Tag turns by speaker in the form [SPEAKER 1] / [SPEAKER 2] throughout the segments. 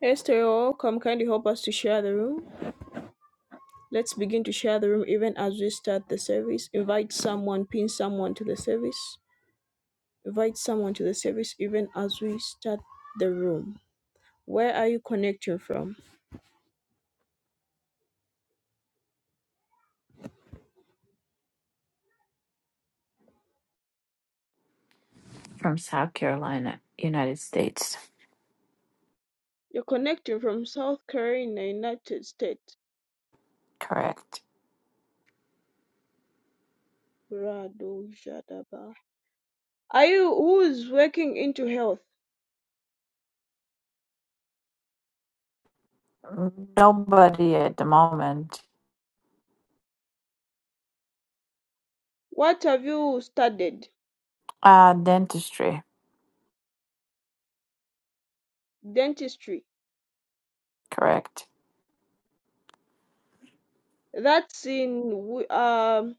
[SPEAKER 1] Esther, come Kindly help us to share the room. Let's begin to share the room even as we start the service. Invite someone, pin someone to the service. Invite someone to the service even as we start the room. Where are you connecting from?
[SPEAKER 2] from South Carolina, United States.
[SPEAKER 1] You're connecting from South Carolina, United States.
[SPEAKER 2] Correct.
[SPEAKER 1] Rado Jadaba. Are you who's working into health?
[SPEAKER 2] Nobody at the moment.
[SPEAKER 1] What have you studied?
[SPEAKER 2] Uh, dentistry.
[SPEAKER 1] Dentistry.
[SPEAKER 2] Correct.
[SPEAKER 1] That's in w- um.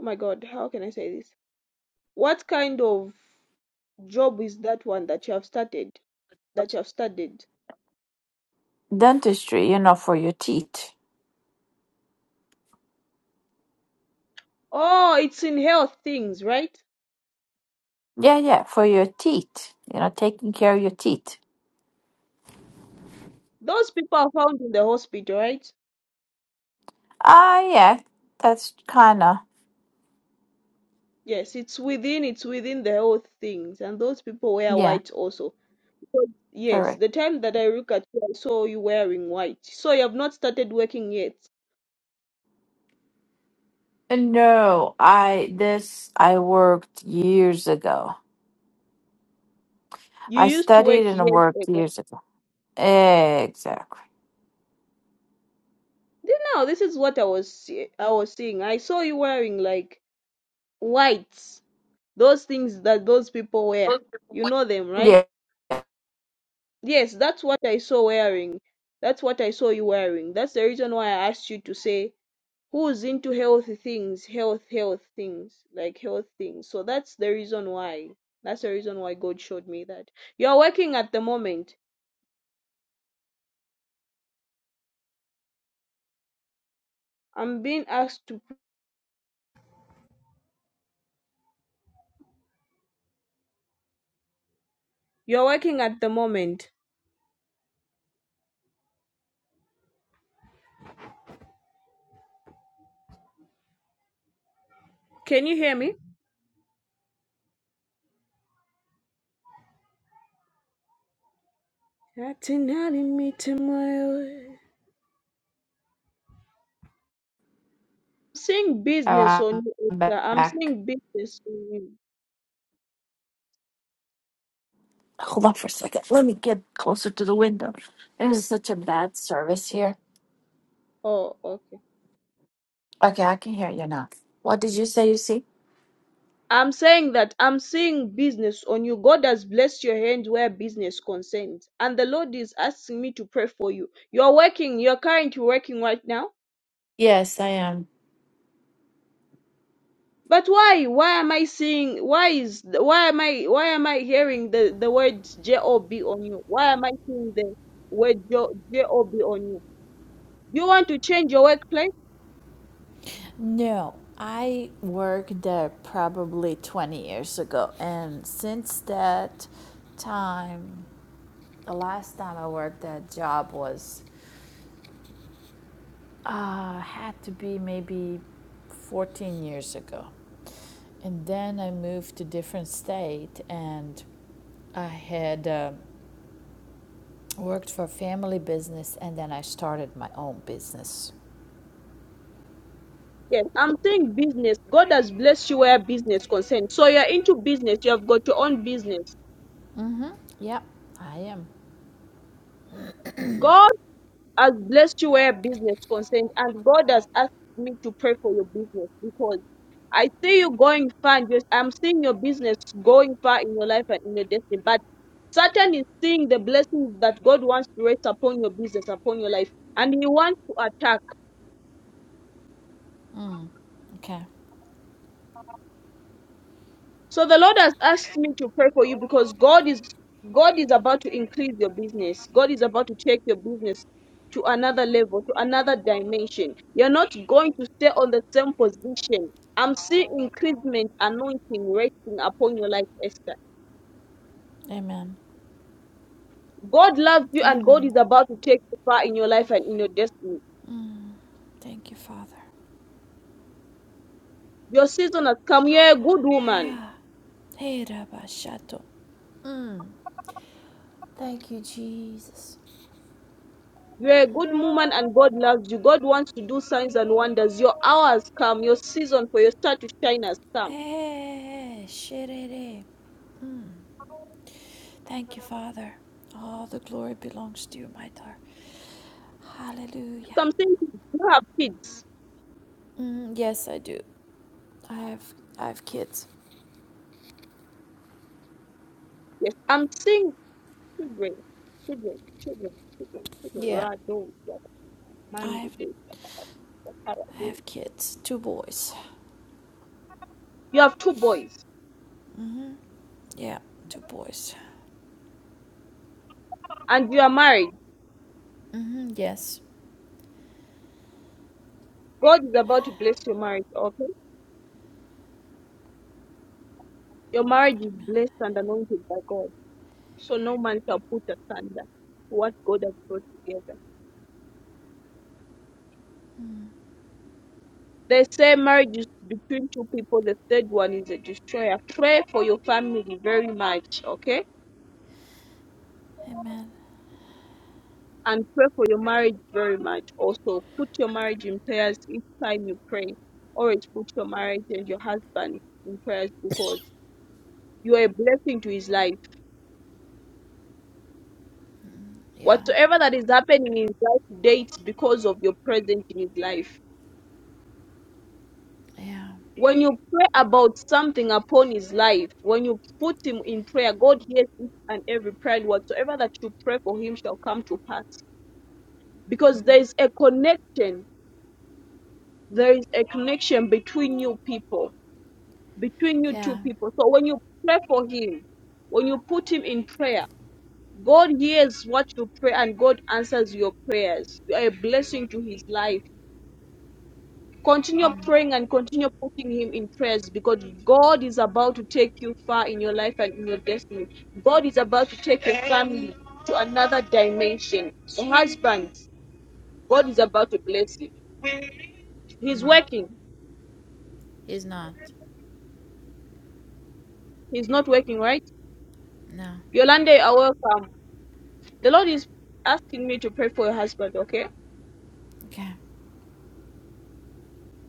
[SPEAKER 1] Oh my God, how can I say this? what kind of job is that one that you have started? That you have started?
[SPEAKER 2] Dentistry, you know, for your teeth.
[SPEAKER 1] Oh, it's in health things, right?
[SPEAKER 2] Yeah, yeah, for your teeth. You know, taking care of your teeth.
[SPEAKER 1] Those people are found in the hospital, right?
[SPEAKER 2] Ah, yeah, that's kind of,
[SPEAKER 1] Yes, it's within it's within the health things, and those people wear
[SPEAKER 2] yeah,
[SPEAKER 1] white also. So, yes,
[SPEAKER 2] correct.
[SPEAKER 1] the time that I look at you, I saw you wearing white. So you have not started working yet.
[SPEAKER 2] No, I, this, I worked years ago.
[SPEAKER 1] You
[SPEAKER 2] I
[SPEAKER 1] used to
[SPEAKER 2] studied
[SPEAKER 1] work
[SPEAKER 2] and
[SPEAKER 1] years
[SPEAKER 2] worked
[SPEAKER 1] ago.
[SPEAKER 2] years ago. Exactly.
[SPEAKER 1] Then Now this is what I was see- I was seeing. I saw you wearing like white. Those things that those people wear. You know them, right?
[SPEAKER 2] Yeah,
[SPEAKER 1] Yes, that's what I saw wearing. That's what I saw you wearing. That's the reason why I asked you to say who's into healthy things, health, health things, like health things. So that's the reason why. That's the reason why God showed me that. You're working at the moment. I'm being asked to. You're working at the moment. Can you hear me? I'm saying business
[SPEAKER 2] I'm
[SPEAKER 1] on you, Esther. I'm
[SPEAKER 2] back.
[SPEAKER 1] seeing business on you.
[SPEAKER 2] Hold on for a second. Let me get closer to the window. It is such a bad service here.
[SPEAKER 1] Oh, okay.
[SPEAKER 2] Okay, I can hear you now. What did you say you see?
[SPEAKER 1] I'm saying that I'm seeing business on you. God has blessed your hand where business concerns. And the Lord is asking me to pray for you. You're working, you're currently working right now.
[SPEAKER 2] Yes, I am.
[SPEAKER 1] But why? Why am I seeing why is why am I why am I hearing the, the word J O B on you? Why am I seeing the word J O B on you? You want to change your workplace?
[SPEAKER 2] No, I worked there probably 20 years ago, and since that time, the last time I worked that job was uh, had to be maybe 14 years ago, and then I moved to different state, and I had. uh, Worked for family business and then I started my own business.
[SPEAKER 1] Yes, I'm saying business. God has blessed you where business concerns. So you're into business, you have got your own business.
[SPEAKER 2] Yep, I am.
[SPEAKER 1] God. I blessed you where business concerns, and God has asked me to pray for your business because I see you going far. and just- I'm seeing your business going far in your life and in your destiny. But Satan is seeing the blessings that God wants to rest upon your business, upon your life, and he wants to attack.
[SPEAKER 2] Mm, okay.
[SPEAKER 1] So the Lord has asked me to pray for you because God is God is about to increase your business. God is about to take your business to another level, to another dimension. You're not going to stay on the same position. I'm seeing increasement, anointing resting upon your life, Esther.
[SPEAKER 2] Amen.
[SPEAKER 1] God loves you and God
[SPEAKER 2] Amen.
[SPEAKER 1] is about to take you far in your life and in your destiny.
[SPEAKER 2] Thank you, Father.
[SPEAKER 1] Your season has come. You're a good woman.
[SPEAKER 2] Hey, Rabba Shato. Mm, thank you, Jesus.
[SPEAKER 1] You're a good woman and God loves you. God wants to do signs and wonders. Your hour has come. Your season for your star to shine has come.
[SPEAKER 2] Hey, shirere. Thank you, Father. All the glory belongs to you, my daughter. Hallelujah.
[SPEAKER 1] So I'm saying kids, you don't have kids.
[SPEAKER 2] Mm, yes, I do. I have I have kids.
[SPEAKER 1] Yes, I'm saying children, children, children, children, children.
[SPEAKER 2] Yeah,
[SPEAKER 1] Rado, Rado,
[SPEAKER 2] I have
[SPEAKER 1] Rado.
[SPEAKER 2] I have kids. Two boys.
[SPEAKER 1] You have two boys
[SPEAKER 2] Yeah, two boys.
[SPEAKER 1] and you are married.
[SPEAKER 2] hmm yes.
[SPEAKER 1] God is about to bless your marriage, okay? Your marriage is
[SPEAKER 2] Amen.
[SPEAKER 1] blessed and anointed by God. So no man shall put asunder what God has brought together. They say marriage is between two people, the third one is a destroyer. Pray for your family very much, okay?
[SPEAKER 2] Amen.
[SPEAKER 1] and pray for your marriage very much. Also, put your marriage in prayers each time you pray. Always put your marriage and your husband in prayers because you are a blessing to his life.
[SPEAKER 2] Yeah.
[SPEAKER 1] Whatever that is happening in his life today, it's because of your presence in his life.
[SPEAKER 2] Yeah.
[SPEAKER 1] When you pray about something upon his life, when you put him in prayer, God hears each and every prayer, and whatsoever that you pray for him shall come to pass. Because there is a connection, there is a connection between you people between you two
[SPEAKER 2] Yeah.
[SPEAKER 1] people. So when you pray for him, when you put him in prayer, God hears what you pray and God answers your prayers. You are a blessing to his life. Continue praying and continue putting him in prayers because God is about to take you far in your life and in your destiny. God is about to take your family to another dimension. So, husbands, God is about to bless you. He's
[SPEAKER 2] Mm.
[SPEAKER 1] working.
[SPEAKER 2] He's not.
[SPEAKER 1] He's not working, right?
[SPEAKER 2] No.
[SPEAKER 1] Yolande, you are welcome. The Lord is asking me to pray for your husband, okay?
[SPEAKER 2] Okay.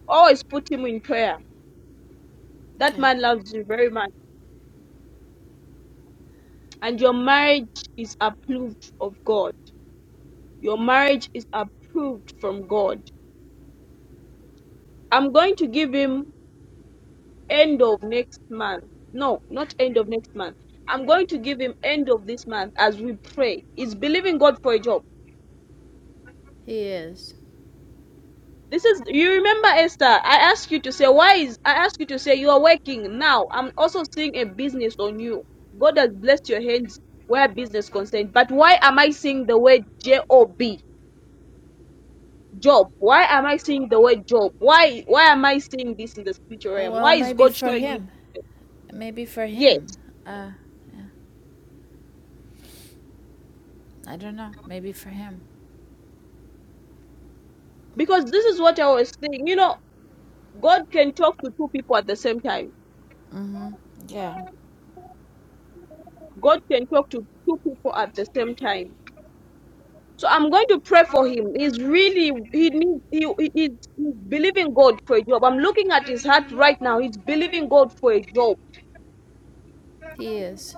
[SPEAKER 1] Always put him in prayer. That
[SPEAKER 2] Okay.
[SPEAKER 1] man loves you very much. And your marriage is approved of God. Your marriage is approved from God. I'm going to give him end of next month. No, not end of next month. I'm going to give him end of this month as we pray. He's believing God for a job.
[SPEAKER 2] He is.
[SPEAKER 1] This is you remember Esther. I asked you to say why is I asked you to say you are working now. I'm also seeing a business on you. God has blessed your hands where business concerned. But why am I seeing the word J O B job? Why am I seeing the word job? Why why am I seeing this in the spiritual realm?
[SPEAKER 2] Well,
[SPEAKER 1] Why is
[SPEAKER 2] maybe
[SPEAKER 1] God
[SPEAKER 2] for
[SPEAKER 1] showing me?
[SPEAKER 2] him. Maybe for
[SPEAKER 1] Yes,
[SPEAKER 2] him. Uh, I don't know. Maybe for him.
[SPEAKER 1] because this is what I was saying. You know, God can talk to two people at the same time.
[SPEAKER 2] Mm-hmm. Yeah.
[SPEAKER 1] God can talk to two people at the same time So I'm going to pray for him. He's really he needs he, he, he's he's believing God for a job. I'm looking at his heart right now. He's believing God for a job,
[SPEAKER 2] He is.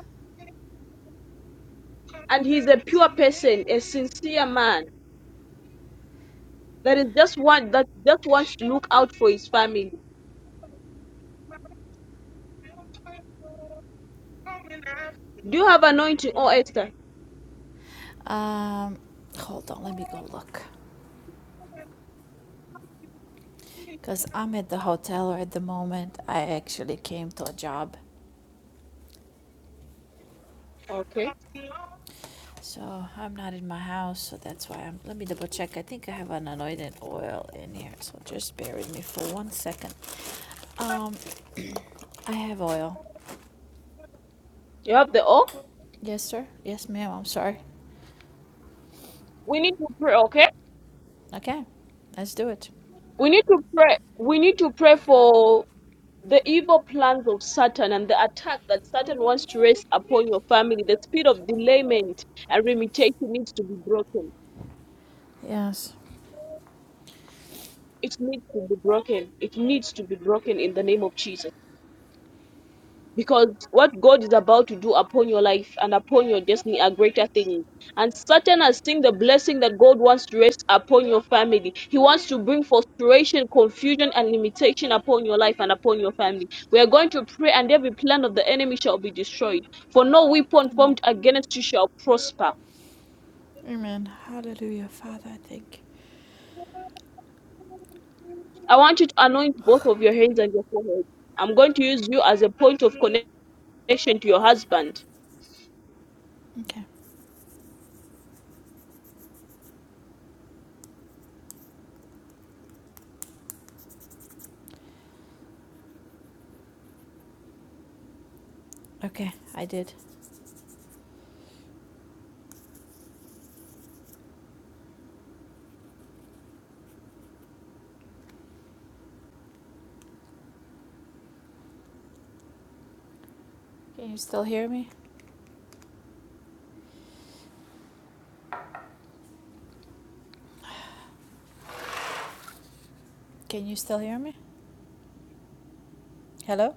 [SPEAKER 1] and he's a pure person, a sincere man that is just one that just wants to look out for his family. Do you have anointing or Esther?
[SPEAKER 2] Um, hold on. Let me go look. Cause I'm at the hotel at the moment. I actually came to a job,
[SPEAKER 1] Okay,
[SPEAKER 2] so I'm not in my house. So that's why I'm. Let me double check. I think I have an anointed oil in here. So just bear with me for one second. Um, I have oil.
[SPEAKER 1] you have the O.
[SPEAKER 2] Yes, sir. Yes, ma'am. I'm sorry.
[SPEAKER 1] We need to pray. Okay,
[SPEAKER 2] Okay, let's do it.
[SPEAKER 1] we need to pray. We need to pray for The evil plans of Satan and the attack that Satan wants to raise upon your family, the spirit of delayment and limitation needs to be broken.
[SPEAKER 2] Yes.
[SPEAKER 1] It needs to be broken. It needs to be broken in the name of Jesus. because what God is about to do upon your life and upon your destiny are greater things. And certain as seeing the blessing that God wants to rest upon your family. He wants to bring frustration, confusion, and limitation upon your life and upon your family. We are going to pray, and every plan of the enemy shall be destroyed. For no weapon
[SPEAKER 2] Amen.
[SPEAKER 1] formed against you shall prosper.
[SPEAKER 2] Amen. Hallelujah, Father. I thank you.
[SPEAKER 1] I want you to anoint both of your hands and your forehead. I'm going to use you as a point of connection to your husband.
[SPEAKER 2] Okay. Okay, I did. Can you still hear me? Can you still hear me? Hello.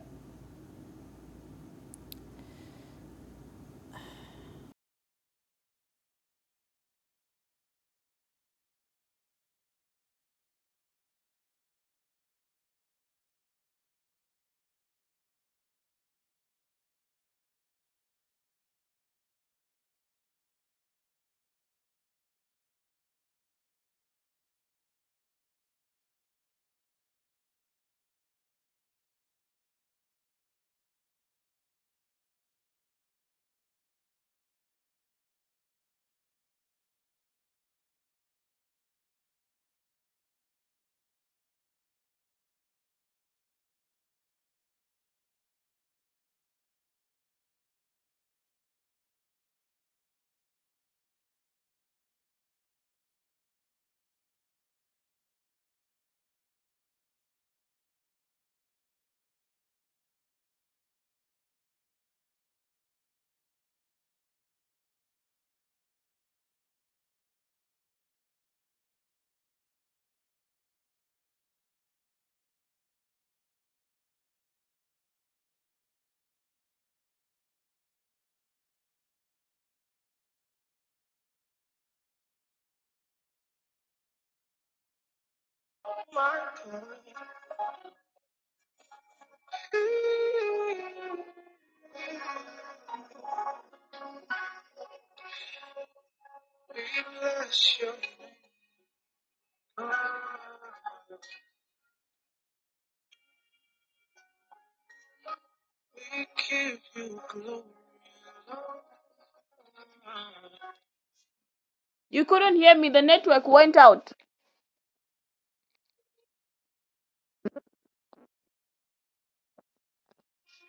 [SPEAKER 1] You couldn't hear me, the network went out.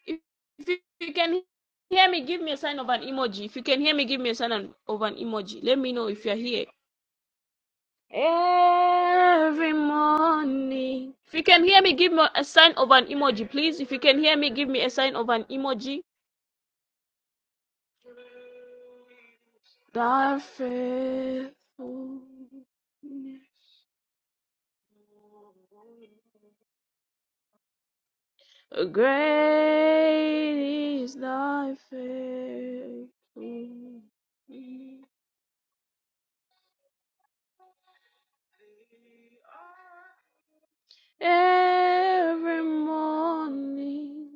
[SPEAKER 1] If, if you can hear me, give me a sign of an emoji. If you can hear me, give me a sign of an emoji. Let me know if you're here. Every morning. If you can hear me, give me a sign of an emoji, please. If you can hear me, give me a sign of an emoji. Thy faithfulness. Great is thy faithfulness. every morning.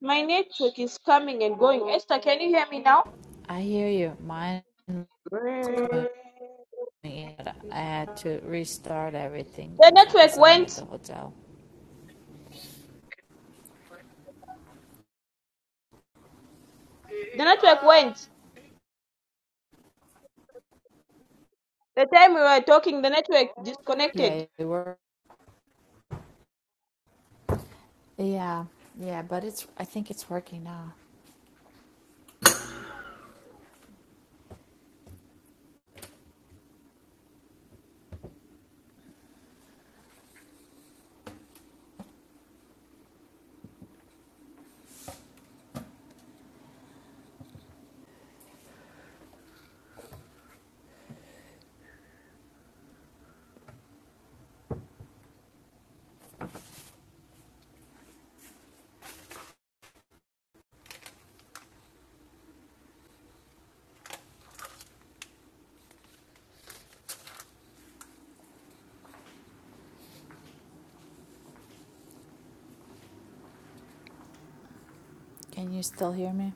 [SPEAKER 1] My network is coming and going. Esther, can you hear me now?
[SPEAKER 2] I hear you. Mine is going in. I had to restart everything
[SPEAKER 1] The
[SPEAKER 2] because, like I
[SPEAKER 1] network
[SPEAKER 2] said, I'm at
[SPEAKER 1] went.
[SPEAKER 2] the hotel.
[SPEAKER 1] The network went. The time we were talking, the network disconnected.
[SPEAKER 2] Yeah, it worked. Yeah, yeah, but it's. I think it's working now. Can you still hear me?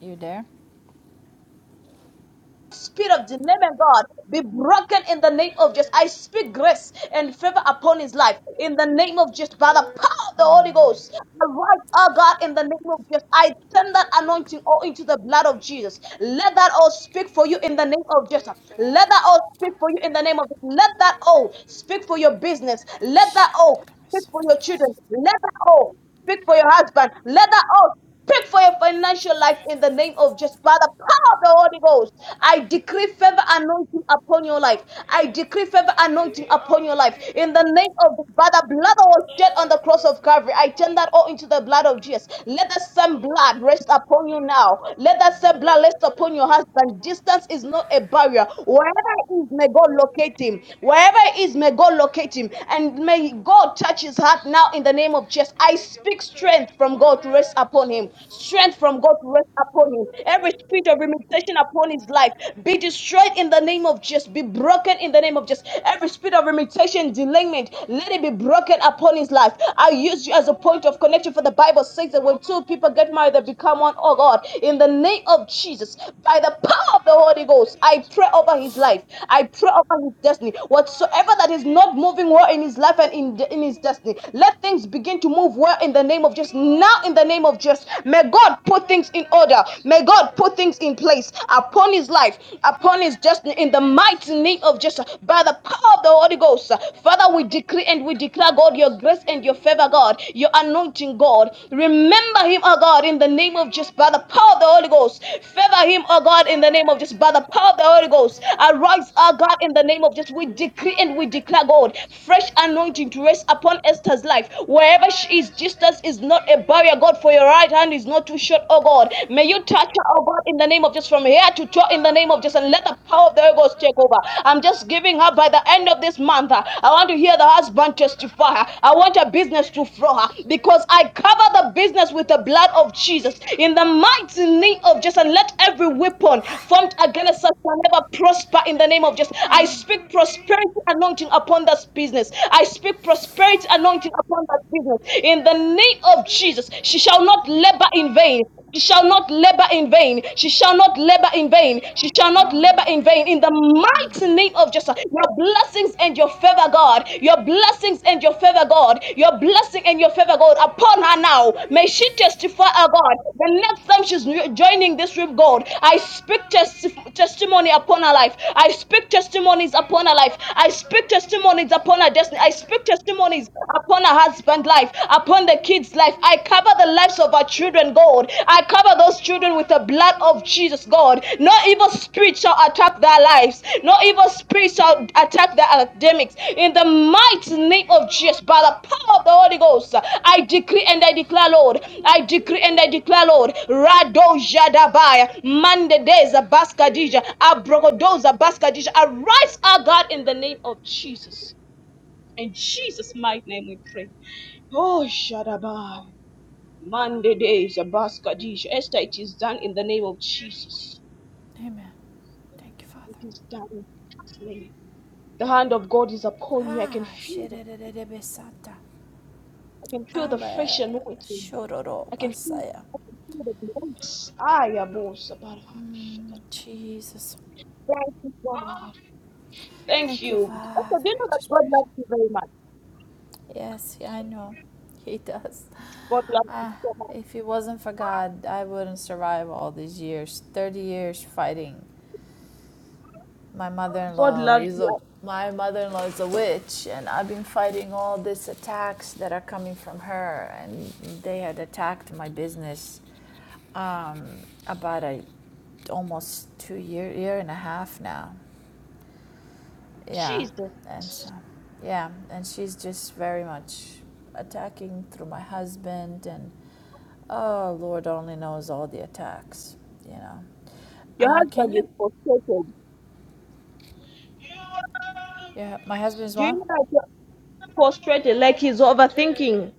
[SPEAKER 2] You there?
[SPEAKER 1] Spirit of dilemma, God, be broken in the name of Jesus. I speak grace and favor upon his life in the name of Jesus. By the power of the Holy Ghost, arise, oh God, in the name of Jesus. I turn that anointing all into the blood of Jesus. Let that all speak for you in the name of Jesus. Let that all speak for you in the name of Jesus. Let that all speak for your business. Let that
[SPEAKER 2] Shut
[SPEAKER 1] all speak for your
[SPEAKER 2] up.
[SPEAKER 1] children. Let that all speak for your husband. Let that all. Speak for your financial life in the name of just by the power of the Holy Ghost. I decree further anointing upon your life. I decree further anointing upon your life in the name of by the blood that was shed on the cross of Calvary. I turn that all into the blood of Jesus. Let the same blood rest upon you now. Let that same blood rest upon your husband. Distance is not a barrier. Wherever he is, may God locate him. Wherever he is, may God locate him. And may God touch his heart now in the name of Jesus. I speak strength from God. God to rest upon him. Strength from God to rest upon him. Every spirit of limitation upon his life be destroyed in the name of Jesus. Be broken in the name of Jesus. Every spirit of limitation, delayment, let it be broken upon his life. I use you as a point of connection for the Bible says that when two people get married, they become one. Oh God, in the name of Jesus, by the power of the Holy Ghost, I pray over his life. I pray over his destiny. Whatsoever that is not moving well in his life and in, in his destiny, let things begin to move well in the in the name of Jesus. Now in the name of Jesus. May God put things in order. May God put things in place upon his life, upon his destiny in the mighty name of Jesus. By the power of the Holy Ghost. Father, we decree and we declare, God, your grace and your favor, God, your anointing, God. Remember him, oh God, in the name of Jesus, by the power of the Holy Ghost. Favor him, oh God, in the name of Jesus, by the power of the Holy Ghost. Arise, oh God, in the name of Jesus. We decree and we declare, God, fresh anointing to rest upon Esther's life. where. Wherever she is, distance is not a barrier, God, for your right hand is not too short, oh God. May you touch her, oh God, in the name of Jesus, from here to toe, in the name of Jesus, and let the power of the Holy Ghost take over. I'm just giving her by the end of this month. uh, I want to hear the husband testify. uh, I want her business to flow uh, because I cover the business with the blood of Jesus in the mighty name of Jesus. And let every weapon formed against us shall never prosper in the name of Jesus. I speak prosperity anointing upon this business. I speak prosperity anointing upon that business. In the name of Jesus, she shall not labor in vain. She shall not labor in vain. She shall not labor in vain. She shall not labor in vain. In the mighty name of Jesus, your blessings and your favor, God. Your blessings and your favor, God. Your blessing and your favor, God, upon her now. May she testify, oh God. The next time she's joining this room, God, I speak testi- testimony upon her life. I speak testimonies upon her life. I speak testimonies upon her destiny. I speak testimonies upon her husband's life, upon the kids' life. I cover the lives of our children, God. I cover those children with the blood of Jesus, God. No evil spirit shall attack their lives. No evil spirit shall attack their academics. In the mighty name of Jesus, by the power of the Holy Ghost, I decree and I declare, Lord. I decree and I declare, Lord. Rado Jadabaya, Mandedeza Baskadija, Abrogodoza Baskadija. Arise, our God, in the name of Jesus. In Jesus' mighty name we pray. Oh, Shadabai. Monday days, Abaskadish. Esther, it is done in the name of Jesus.
[SPEAKER 2] Amen. Thank you,
[SPEAKER 1] It
[SPEAKER 2] Father.
[SPEAKER 1] is done in Jesus' name. The hand of God is upon you. I can
[SPEAKER 2] Ah,
[SPEAKER 1] feel the
[SPEAKER 2] shirererebe-santa.
[SPEAKER 1] I can feel the fresh
[SPEAKER 2] Abba,
[SPEAKER 1] anointing.
[SPEAKER 2] shororo
[SPEAKER 1] I can feel
[SPEAKER 2] basaya.
[SPEAKER 1] I can feel the grace. I am
[SPEAKER 2] Mm, Jesus.
[SPEAKER 1] Thank you, God. Thank
[SPEAKER 2] Thank you,
[SPEAKER 1] you. Esther, do
[SPEAKER 2] Father.
[SPEAKER 1] you
[SPEAKER 2] I
[SPEAKER 1] know that
[SPEAKER 2] just
[SPEAKER 1] God
[SPEAKER 2] pray.
[SPEAKER 1] loves you very much?
[SPEAKER 2] Yes, yeah, I know. He does.
[SPEAKER 1] God loves you
[SPEAKER 2] Ah,
[SPEAKER 1] so much.
[SPEAKER 2] if it wasn't for God, I wouldn't survive all these years 30 years fighting my
[SPEAKER 1] God
[SPEAKER 2] mother-in-law
[SPEAKER 1] loves
[SPEAKER 2] is
[SPEAKER 1] you.
[SPEAKER 2] a my mother-in-law is a witch and i've been fighting all these attacks that are coming from her and they had attacked my business um, about a almost two year year and a half now yeah
[SPEAKER 1] Jesus.
[SPEAKER 2] and so yeah and she's just very much attacking through my husband and oh lord only knows all the attacks you know
[SPEAKER 1] Your
[SPEAKER 2] uh, can
[SPEAKER 1] husband is
[SPEAKER 2] you
[SPEAKER 1] frustrated.
[SPEAKER 2] yeah my husband is
[SPEAKER 1] Do you
[SPEAKER 2] one
[SPEAKER 1] know that prostrate like he's overthinking.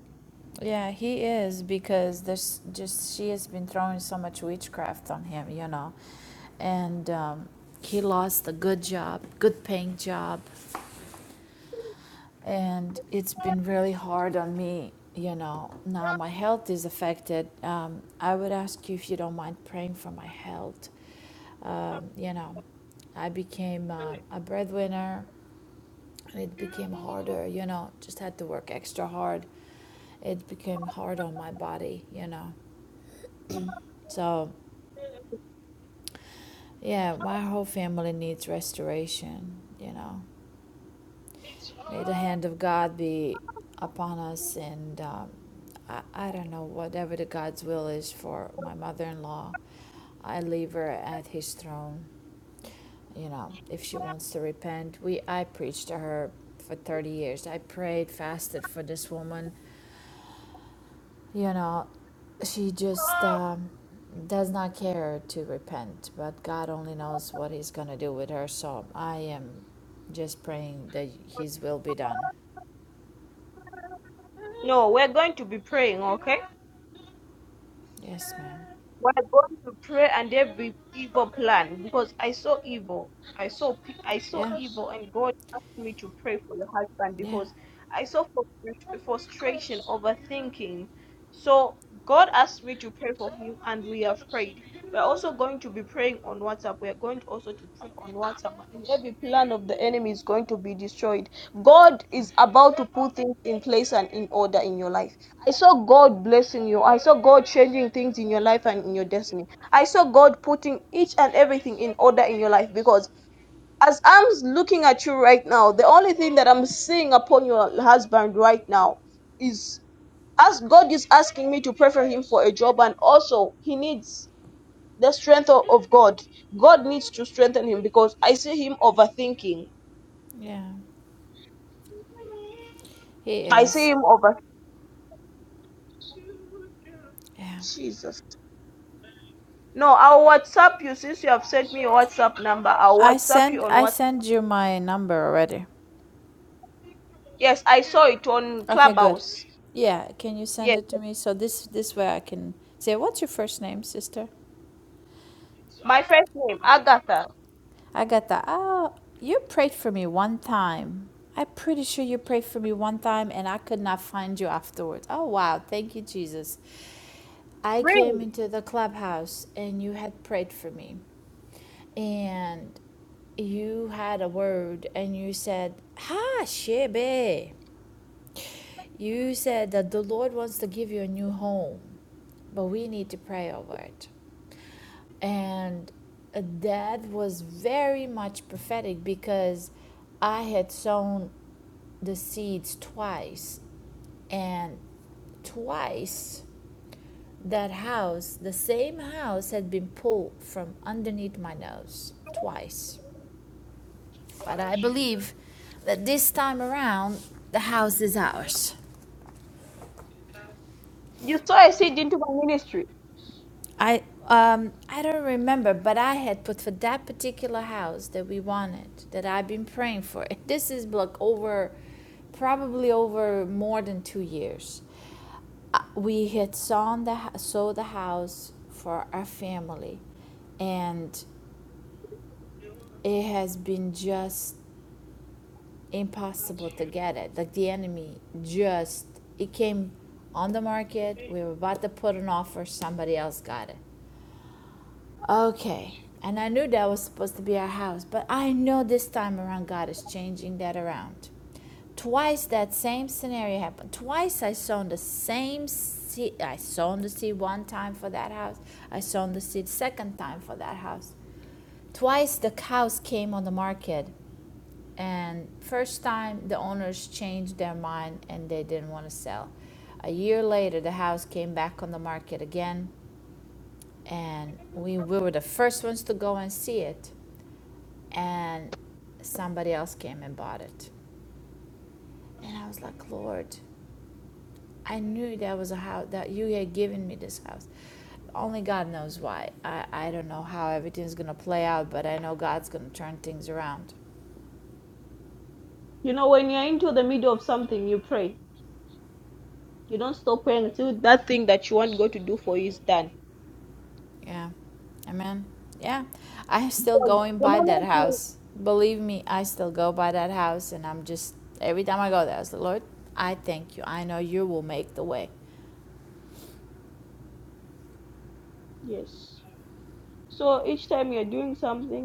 [SPEAKER 2] Yeah, he is because there's just she has been throwing so much witchcraft on him, you know, and um, he lost a good job, good paying job, and it's been really hard on me, you know. Now my health is affected. Um, I would ask you if you don't mind praying for my health. Um, you know, I became uh, a breadwinner, and it became harder. You know, just had to work extra hard. It became hard on my body, you know So, yeah, my whole family needs restoration, you know. May the hand of God be upon us, and um, I, I don't know, whatever the God's will is for my mother in law, I leave her at his throne, you know, if she wants to repent. We I preached to her for 30 years. I prayed, fasted for this woman you know, she just um, does not care to repent, but God only knows what He's going to do with her. So I am just praying that His will be done.
[SPEAKER 1] No, we're going to be praying, okay?
[SPEAKER 2] Yes, ma'am.
[SPEAKER 1] We're going to pray and every evil plan because I saw evil. I saw pe- I saw
[SPEAKER 2] Yeah,
[SPEAKER 1] evil, and God asked me to pray for your husband
[SPEAKER 2] yeah,
[SPEAKER 1] because I saw frus- frustration, overthinking. So God asked me to pray for him, and we have prayed. We're also going to be praying on WhatsApp. We're going to also to pray on WhatsApp, and every plan of the enemy is going to be destroyed. God
[SPEAKER 2] yeah.
[SPEAKER 1] is about to put things in place and in order in your life. I saw God blessing you. I saw God changing things in your life and in your destiny. I saw God putting each and everything in order in your life because as I'm looking at you right now, the only thing that I'm seeing upon your husband right now is as God is asking me to prefer him for a job and also he needs the strength of of God. God needs to strengthen him because I see him overthinking.
[SPEAKER 2] yeah. He
[SPEAKER 1] I see
[SPEAKER 2] is.
[SPEAKER 1] him over.
[SPEAKER 2] Yeah.
[SPEAKER 1] No, I'll WhatsApp you since you have sent me your WhatsApp number. I'll
[SPEAKER 2] I
[SPEAKER 1] WhatsApp
[SPEAKER 2] sent
[SPEAKER 1] you on WhatsApp.
[SPEAKER 2] I sent you my number already.
[SPEAKER 1] Yes, I saw it on
[SPEAKER 2] Okay, good.
[SPEAKER 1] Clubhouse.
[SPEAKER 2] Yeah, can you send
[SPEAKER 1] Yes,
[SPEAKER 2] it to me so this this way I can say what's your first name, sister?
[SPEAKER 1] my first name, Agatha.
[SPEAKER 2] Agatha, oh, you prayed for me one time. I'm pretty sure you prayed for me one time and I could not find you afterwards. Oh, wow. Thank you, Jesus. I
[SPEAKER 1] Bring.
[SPEAKER 2] came into the clubhouse and you had prayed for me. And you had a word and you said, Ha, Shebe. You said that the Lord wants to give you a new home, but we need to pray over it. And that was very much prophetic because I had sown the seeds twice, and twice that house, the same house, had been pulled from underneath my nose. Twice. But I believe that this time around, the house is ours.
[SPEAKER 1] You saw a seed into my ministry.
[SPEAKER 2] I um I don't remember, but I had put for that particular house that we wanted, that I've been praying for. This is like over, probably over more than two years. Uh, We had sown the hou- sold the house for our family, and it has been just impossible to get it. Like the enemy just it came on the market. We were about to put an offer. Somebody else got it. Okay. And I knew that was supposed to be our house, but I know this time around God is changing that around. Twice that same scenario happened. Twice I sown the same seed. I sown the seed one time for that house. I sown the seed second time for that house. Twice the cows came on the market, and first time the owners changed their mind and they didn't want to sell. A year later, the house came back on the market again and we, we were the first ones to go and see it and somebody else came and bought it and i was like lord i knew that was a house that you had given me this house only god knows why i, I don't know how everything's going to play out but i know god's going to turn things around
[SPEAKER 1] You know, when you're into the middle of something, you pray. You don't stop praying until that thing that you want God to do for you is done.
[SPEAKER 2] yeah amen yeah i'm still
[SPEAKER 1] So,
[SPEAKER 2] going
[SPEAKER 1] the
[SPEAKER 2] by that
[SPEAKER 1] moment you-
[SPEAKER 2] house believe me i still go by that house and i'm just every time i go there i was like lord i thank you i know you will make the way
[SPEAKER 1] yes. So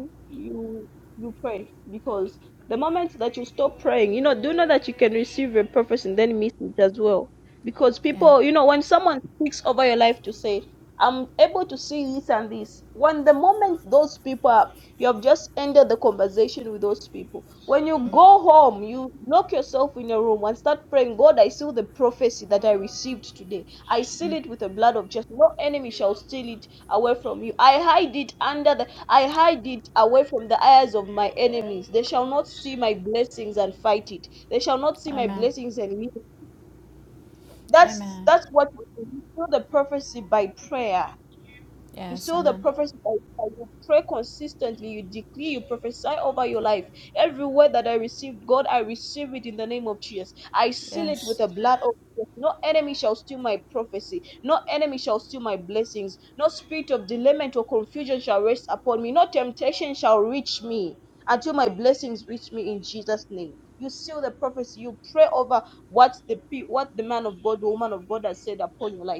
[SPEAKER 1] morning you you pray because the moment that you stop praying, you know, do know that you can receive a purpose and then miss it as well. Because
[SPEAKER 2] yeah
[SPEAKER 1] people, you know, when someone speaks over your life to say, I'm able to see this and this, when the moment those people are, you have just ended the conversation with those people. When you
[SPEAKER 2] Mm.
[SPEAKER 1] go home, you lock yourself in your room and start praying, God, I seal the prophecy that I received today. I seal it with the blood of Jesus. No enemy shall steal it away from you. I hide it under the I hide it away from the eyes of my enemies. They shall not see my blessings and fight it. They shall not see my
[SPEAKER 2] Amen.
[SPEAKER 1] blessings and live. That's
[SPEAKER 2] Amen.
[SPEAKER 1] that's what we do the prophecy by prayer. You
[SPEAKER 2] Yes,
[SPEAKER 1] sow the
[SPEAKER 2] amen.
[SPEAKER 1] prophecy by prayer. You pray consistently. You decree. You prophesy over your life. Every word that I received, God, I receive it in the name of Jesus. I seal it with
[SPEAKER 2] Yes.
[SPEAKER 1] the blood of Jesus. No enemy shall steal my prophecy. No enemy shall steal my blessings. No spirit of delayment or confusion shall rest upon me. No temptation shall reach me until my blessings reach me in Jesus' name. You seal the prophecy. You pray over what the pe- what the man of God, the woman of God has said upon your life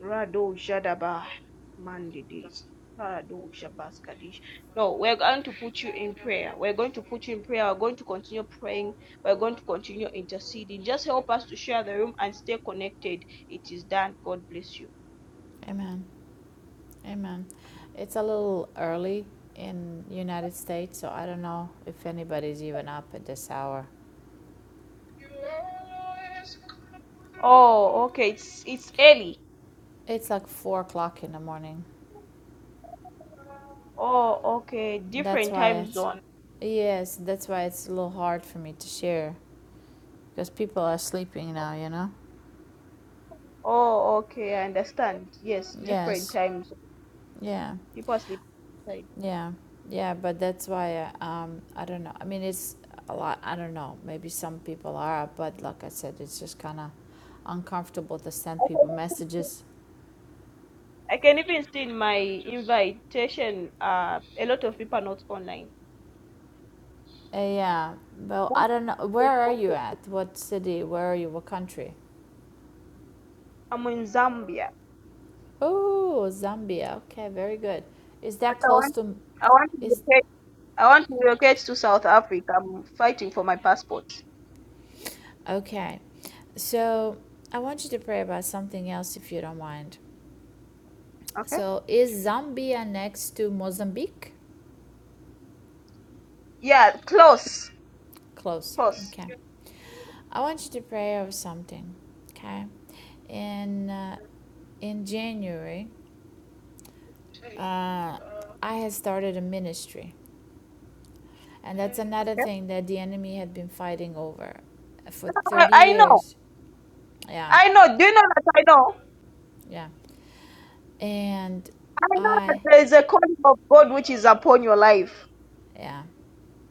[SPEAKER 1] Rado Shadaba Mandidis. Rado Shabaskadish. No, we're going to put you in prayer. We're going to put you in prayer. We're going to continue praying. We're going to continue interceding. Just help us to share the room and stay connected. It is done. God bless you.
[SPEAKER 2] Amen. Amen. It's a little early in United States, so I don't know if anybody's even up at this hour.
[SPEAKER 1] Okay.
[SPEAKER 2] It's like four o'clock in the morning.
[SPEAKER 1] Oh,
[SPEAKER 2] That's why it's
[SPEAKER 1] zone.
[SPEAKER 2] yes, that's why it's a little hard for me to share. Because people are sleeping now, you know?
[SPEAKER 1] Oh, okay. I understand. Yes, different
[SPEAKER 2] Yes.
[SPEAKER 1] times.
[SPEAKER 2] Yeah.
[SPEAKER 1] People are sleeping.
[SPEAKER 2] Yeah, yeah, but that's why uh, um, I don't know. I mean, it's a lot. I don't know. Maybe some people are, but like I said, it's just kind of uncomfortable to send people
[SPEAKER 1] outside.
[SPEAKER 2] messages.
[SPEAKER 1] I can even see in my invite uh, a lot of- nine.
[SPEAKER 2] Uh, yeah. Well, I don't know. Where are you at? What city? Where are you? What country?
[SPEAKER 1] I'm in Zambia.
[SPEAKER 2] Oh, Zambia. Okay, very good. Is
[SPEAKER 1] But
[SPEAKER 2] that
[SPEAKER 1] I
[SPEAKER 2] close
[SPEAKER 1] want,
[SPEAKER 2] to?
[SPEAKER 1] I want to
[SPEAKER 2] Is
[SPEAKER 1] be I want to relocate to South Africa. I'm fighting for my passport.
[SPEAKER 2] okay. So I want you to pray about something else, if you don't mind.
[SPEAKER 1] Okay.
[SPEAKER 2] So is Zambia next to Mozambique?
[SPEAKER 1] Yeah, close.
[SPEAKER 2] Close.
[SPEAKER 1] Close.
[SPEAKER 2] Okay. I want you to pray over something, okay? In uh, in January, uh, I had started a ministry, and that's another
[SPEAKER 1] Okay.
[SPEAKER 2] thing that the enemy had been fighting over for
[SPEAKER 1] I,
[SPEAKER 2] 30
[SPEAKER 1] I know.
[SPEAKER 2] years. Yeah,
[SPEAKER 1] I know. Do you know that I know?
[SPEAKER 2] yeah. And
[SPEAKER 1] I know that
[SPEAKER 2] I,
[SPEAKER 1] there is a calling of God which is upon your life.
[SPEAKER 2] yeah,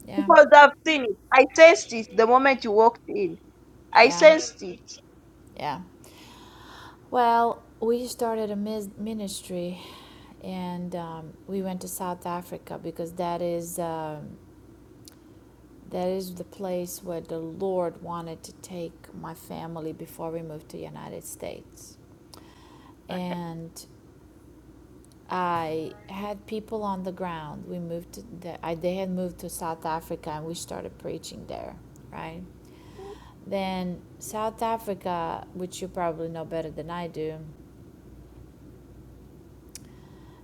[SPEAKER 2] yeah,
[SPEAKER 1] Because I've seen it. I sensed it the moment you walked in. I
[SPEAKER 2] yeah,
[SPEAKER 1] sensed it.
[SPEAKER 2] yeah. Well, we started a mis- ministry, and um, we went to South Africa because that is um, That is the place where the Lord wanted to take my family before we moved to the United States. And I had people on the ground. We moved to the, I, they had moved to South Africa and we started preaching there, right? Then South Africa, which you probably know better than I do,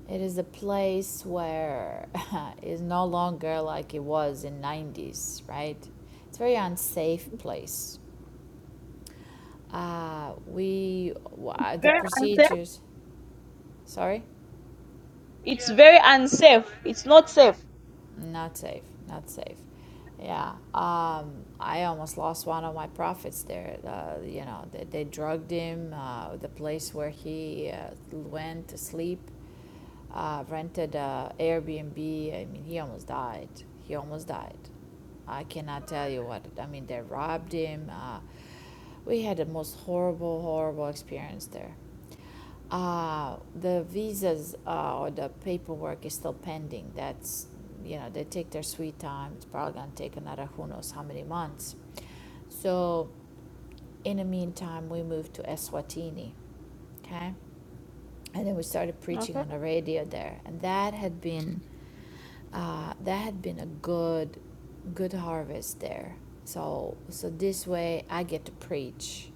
[SPEAKER 2] it is a place where it's no longer like it was in 90s, right? It's a very unsafe place Uh, we wha- the
[SPEAKER 1] Very unsafe.
[SPEAKER 2] procedures. Sorry,
[SPEAKER 1] It's very unsafe. It's not safe.
[SPEAKER 2] not safe. Not safe. Yeah. Um, I almost lost one of my profits there. Uh, you know, they, they drugged him. Uh, the place where he uh, went to sleep, uh, rented a Airbnb. I mean, he almost died. He almost died. I cannot tell you what. I mean, they robbed him. Uh, we had the most horrible, horrible experience there. Uh, the visas uh, or the paperwork is still pending. That's, you know, they take their sweet time. It's probably going to take another who knows how many months. So, in the meantime, we moved to Eswatini, okay? And then we started preaching
[SPEAKER 1] Okay.
[SPEAKER 2] on the radio there. And that had been, uh, that had been a good, good harvest there. So, so this way I get to preach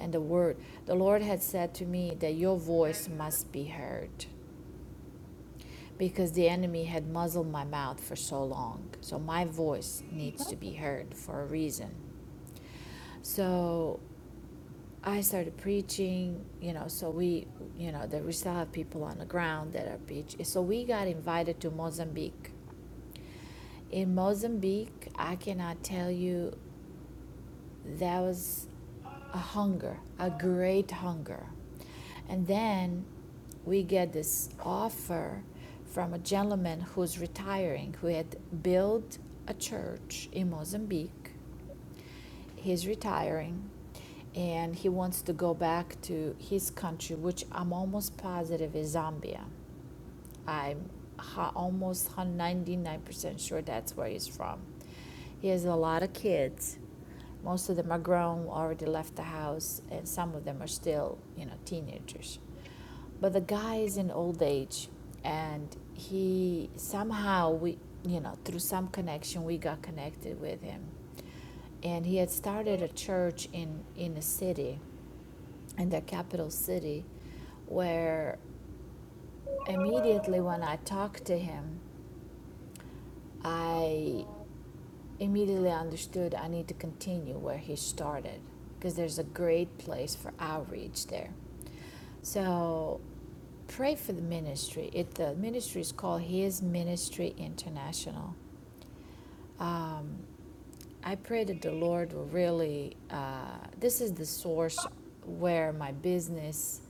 [SPEAKER 2] and the word. The Lord had said to me that your voice must be heard because the enemy had muzzled my mouth for so long. So my voice needs to be heard for a reason. So I started preaching, you know, so we, you know, that we still have people on the ground that are preaching. So we got invited to Mozambique. In Mozambique, I cannot tell you there was a hunger, a great hunger. And then we get this offer from a gentleman who's retiring, who had built a church in Mozambique. He's retiring and he wants to go back to his country, which I'm almost positive is Zambia. I'm ha- almost 99% sure that's where he's from. He has a lot of kids. Most of them are grown, already left the house, and some of them are still, you know, teenagers. But the guy is in old age, and he somehow we, you know, through some connection we got connected with him, and he had started a church in in a city, in the capital city, where immediately when I talked to him, I immediately understood I need to continue where he started because there's a great place for outreach there. So pray for the ministry. It the ministry is called His Ministry International. Um, I pray that the Lord will really. Uh, this is the source where my business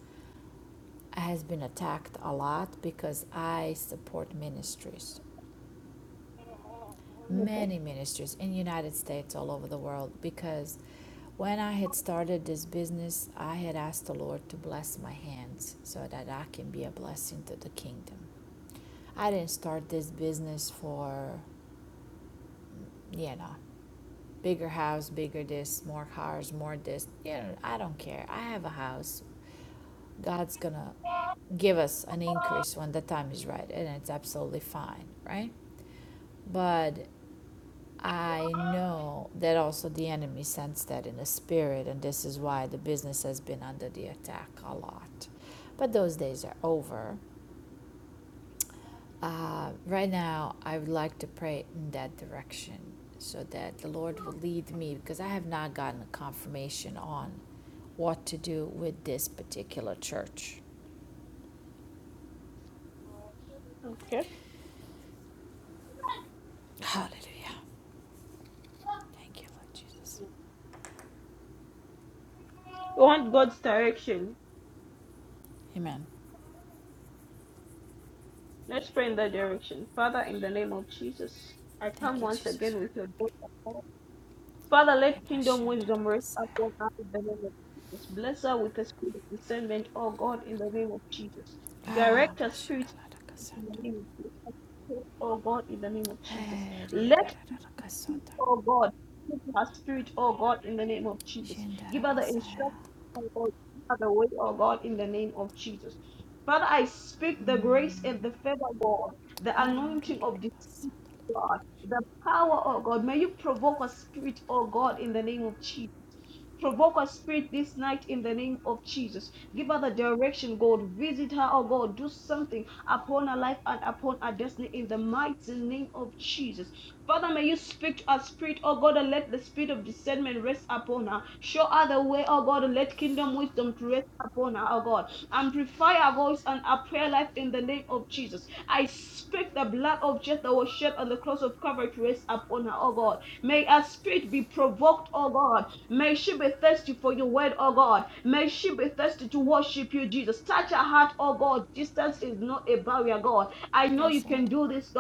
[SPEAKER 2] has been attacked a lot because I support ministries. many ministers in the United States all over the world because when I had started this business, I had asked the Lord to bless my hands so that I can be a blessing to the kingdom. I didn't start this business for, you know, bigger house, bigger this, more cars, more this. You know, I don't care. I have a house. God's going to give us an increase when the time is right, and it's absolutely fine, right? But I know that also the enemy sensed that in the spirit, and this is why the business has been under the attack a lot. But those days are over. Uh, right now, I would like to pray in that direction so that the Lord will lead me because I have not gotten a confirmation on what to do with this particular church. Hallelujah. Thank you, Lord Jesus.
[SPEAKER 1] We want God's direction.
[SPEAKER 2] Amen.
[SPEAKER 1] Let's pray in that direction. Father, in the name of Jesus, I come
[SPEAKER 2] Thank you,
[SPEAKER 1] once
[SPEAKER 2] Jesus.
[SPEAKER 1] again with your daughter. Father,
[SPEAKER 2] Yeah,
[SPEAKER 1] let kingdom wisdom rest upon us in the name of Jesus. Bless us with the spirit of discernment, oh God, in the name of Jesus.
[SPEAKER 2] Ah,
[SPEAKER 1] Direct our spirits in the name of Jesus. Oh God, in the name of
[SPEAKER 2] Oh,
[SPEAKER 1] Jesus. Let oh God. Give her spirit, oh God, in the name of Jesus. Give her the
[SPEAKER 2] Shendarabasaya.
[SPEAKER 1] instruction, oh God. Give her the way, oh God, in the name of Jesus. Father, I speak the grace and the favor, God, the anointing of this spirit,
[SPEAKER 2] Hirorororobasana.
[SPEAKER 1] God, the power, oh God. May you provoke a spirit, oh God, in the name of Jesus. Provoke her spirit this night in the name of Jesus. Give her the direction, God. Visit her, oh God. Do something upon her life and upon her destiny in the mighty name of Jesus. Father, may you speak to our spirit, oh God, and let the spirit of discernment rest upon her. Show her the way, oh God, and let kingdom wisdom to rest upon her, oh God. Amplify our voice and our prayer life in the name of Jesus. I speak the blood of Jesus that was shed on the cross of Calvary to rest upon her, oh God. May our spirit be provoked, oh God May she be thirsty for your word, oh God. May she be thirsty to worship you, Jesus. Touch her heart, oh God. Distance is not a barrier, God. I know you can do this,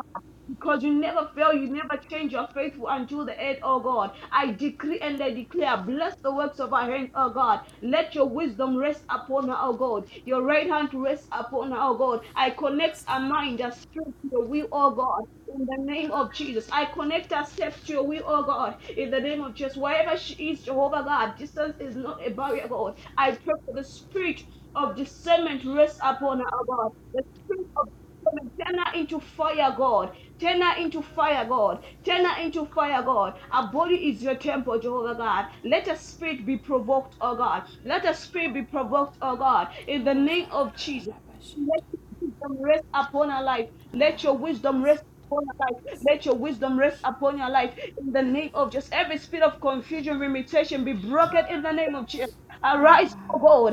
[SPEAKER 1] because you never fail, you never change, you're faithful until the end, oh God. I decree and I declare, bless the works of our hands, oh God. Let your wisdom rest upon her, oh God. Your right hand rest upon her, oh God. I
[SPEAKER 2] Yes,
[SPEAKER 1] connect our
[SPEAKER 2] Lord.
[SPEAKER 1] mind, our spirit to your will, oh God. In the name of Jesus, I connect our steps to your will, oh God. In the name of Jesus, wherever she is, Jehovah God, distance is not a barrier, God. I pray for the spirit of discernment rest upon her, oh God. The spirit of discernment turn her into fire, God. Turn her into fire, God. Turn her into fire, God. Our body is your temple, Jehovah God. Let us spirit be provoked, oh God. Let us spirit be provoked, oh God. In the name of Jesus. Let
[SPEAKER 2] Orarararabashito.
[SPEAKER 1] your wisdom rest upon our life. Let your
[SPEAKER 2] Ah,
[SPEAKER 1] wisdom rest upon our life. Let your wisdom rest upon
[SPEAKER 2] Masandorobashito.
[SPEAKER 1] your life. In the name of just every spirit of confusion, limitation be broken in the name of Jesus. Arise, O God.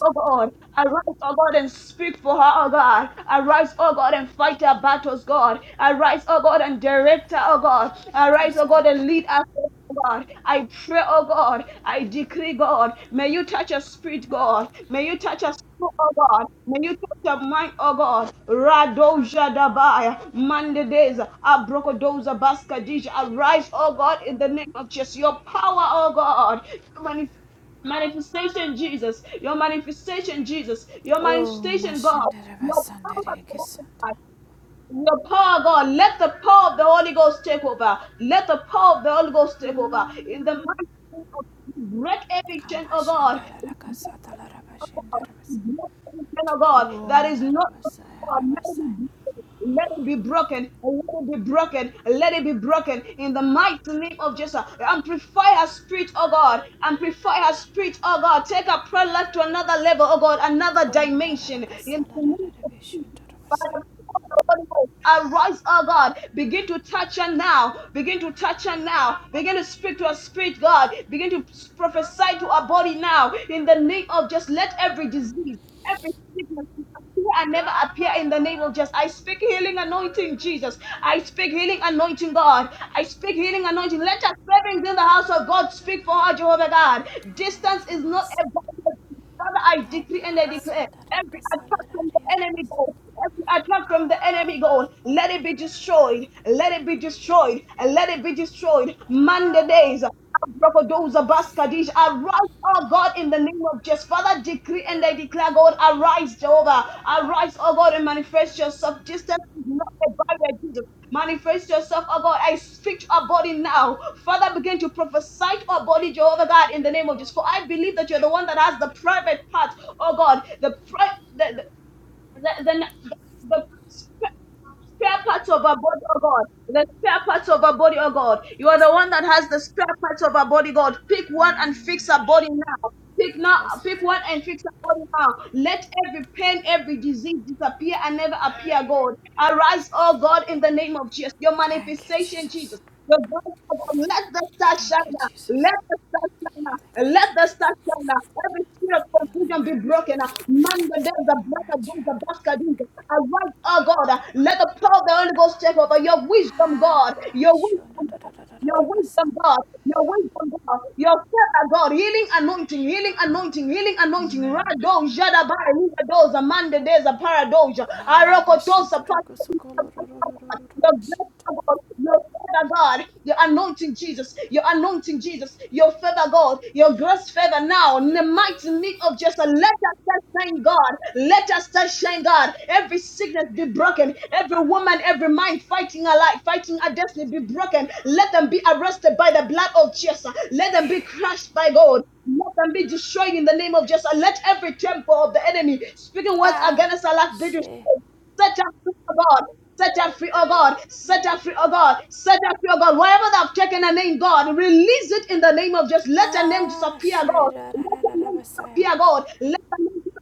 [SPEAKER 1] Oh God, arise, oh God, and speak for her, oh God. Arise, oh God, and fight her battles, God. Arise, oh God, and direct her, oh God. Arise,
[SPEAKER 2] Yes,
[SPEAKER 1] oh God,
[SPEAKER 2] God.
[SPEAKER 1] and lead us. oh God, I pray, oh God, I decree, God, may you touch her spirit, God, may you touch her soul, oh God, may you touch her mind, oh God, Radoja Dabaya, Mandedeza, Abrokodoza Baskadija, arise, oh God, in the name of Jesus, your power, oh God, Manifestation, Jesus. Your manifestation, Jesus. Your
[SPEAKER 2] Oh,
[SPEAKER 1] manifestation, God. Your power,
[SPEAKER 2] Mashindarabasandarirakasanda.
[SPEAKER 1] God. Your power, God. Let the power of the Holy Ghost take over. Let the power of the Holy Ghost take over. In the
[SPEAKER 2] Mm.
[SPEAKER 1] mighty name of Jesus, break every chain, oh God.
[SPEAKER 2] Kamashindararakasatalarabasindarabas-
[SPEAKER 1] Break every chain, oh God.
[SPEAKER 2] Oh,
[SPEAKER 1] That is not.
[SPEAKER 2] Ndarabasaya,
[SPEAKER 1] of God.
[SPEAKER 2] Rabasaya.
[SPEAKER 1] Let it be broken. Let it be broken. Let it be broken in the mighty name of Jesus. Amplify her spirit, oh God. Amplify her spirit, oh God. Take her prayer life to another level, oh God, another
[SPEAKER 2] Oh,
[SPEAKER 1] dimension. In the name of Jesus.
[SPEAKER 2] Ndararakasalarararabishindorobasaya.
[SPEAKER 1] Holy Ghost, arise, oh God. Begin to touch her now. Begin to touch her now. Begin to speak to her spirit, God. Begin to prophesy to her body now. In the name of just let every disease, every sickness disappear and never appear in the name of just. I speak healing anointing, Jesus. I speak healing anointing, God. I speak healing anointing. Let us servings in the house of God speak for her, Jehovah God. Distance is not a barrier Father, I decree and I declare every attack from the enemy God, every attack from the enemy God, let it be destroyed, let it be destroyed, and let it be destroyed. Monday days. Abrafadoza Baskadish, Arise, oh God, in the name of Jesus. Father, decree and I declare, God, arise, Jehovah. Arise, oh God, and manifest yourself. Distance is not a barrier, Jesus. Manifest yourself, oh God. I speak to our body now. Father, begin to prophesy to our body, Jehovah God, in the name of Jesus. For I believe that you're the one that has the private part, oh God, the, pri- the the, the, the spare spare parts of our body, oh God. The spare parts of our body, oh God. You are
[SPEAKER 2] Yes,
[SPEAKER 1] the one
[SPEAKER 2] Lord.
[SPEAKER 1] that has the spare parts of our body, God. Pick one and fix
[SPEAKER 2] Mm,
[SPEAKER 1] our body now. Pick now,
[SPEAKER 2] Yes.
[SPEAKER 1] pick one and fix our body now. Let every pain, every disease disappear and never appear, God. Arise, oh God, in the name of Jesus. Your
[SPEAKER 2] Thank you,
[SPEAKER 1] manifestation,
[SPEAKER 2] Jesus.
[SPEAKER 1] Jesus. The voice of God, let the star
[SPEAKER 2] Thank you,
[SPEAKER 1] shine. now.
[SPEAKER 2] Jesus.
[SPEAKER 1] Let the star shine. now.
[SPEAKER 2] Healing
[SPEAKER 1] Let
[SPEAKER 2] virtue.
[SPEAKER 1] the star shine. now. Every spirit of
[SPEAKER 2] Healing
[SPEAKER 1] confusion be
[SPEAKER 2] virtue.
[SPEAKER 1] broken. now. Man, the day the
[SPEAKER 2] Healing
[SPEAKER 1] blood of God,
[SPEAKER 2] virtue.
[SPEAKER 1] the basket Arise, oh God. Let the power of the Holy Ghost take over. Your wisdom, God.
[SPEAKER 2] Ah,
[SPEAKER 1] Your
[SPEAKER 2] shuna
[SPEAKER 1] wisdom,
[SPEAKER 2] da
[SPEAKER 1] God.
[SPEAKER 2] da da da da
[SPEAKER 1] Your
[SPEAKER 2] da
[SPEAKER 1] wisdom,
[SPEAKER 2] basan.
[SPEAKER 1] God. Your wisdom, God. Your favor, God. Healing anointing, healing anointing, healing anointing. Rado, Jadabai, Rigados, Amanda, Deza, Paradoja,
[SPEAKER 2] Ah, bashinto
[SPEAKER 1] Arokotosa,
[SPEAKER 2] do
[SPEAKER 1] your
[SPEAKER 2] kusukolo do do
[SPEAKER 1] grace,
[SPEAKER 2] do do do do mashinto.
[SPEAKER 1] God, your favor, God, your anointing, Jesus, your anointing, Jesus, your favor, God, your grace, favor now, in the mighty name of Jesus. Let us start shine, God. Let us start shine, God. Every sickness be broken. Every woman, every mind fighting her life, fighting her destiny be broken. Let them be arrested by the blood of Jesus. Let them be crushed by God. Let them be destroyed in the name of Jesus. Let every temple of the enemy speaking words
[SPEAKER 2] Ah,
[SPEAKER 1] against our life be destroyed.
[SPEAKER 2] she.
[SPEAKER 1] Set us free, oh God. Set us free, oh God. Set us free, oh God. Set us free, oh God. Wherever they have taken a name, God, release it in the name of just let a name
[SPEAKER 2] Ah,
[SPEAKER 1] disappear,
[SPEAKER 2] she
[SPEAKER 1] God.
[SPEAKER 2] da da
[SPEAKER 1] Let
[SPEAKER 2] da
[SPEAKER 1] a
[SPEAKER 2] da
[SPEAKER 1] name
[SPEAKER 2] basaya.
[SPEAKER 1] disappear, God. Let the name disappear,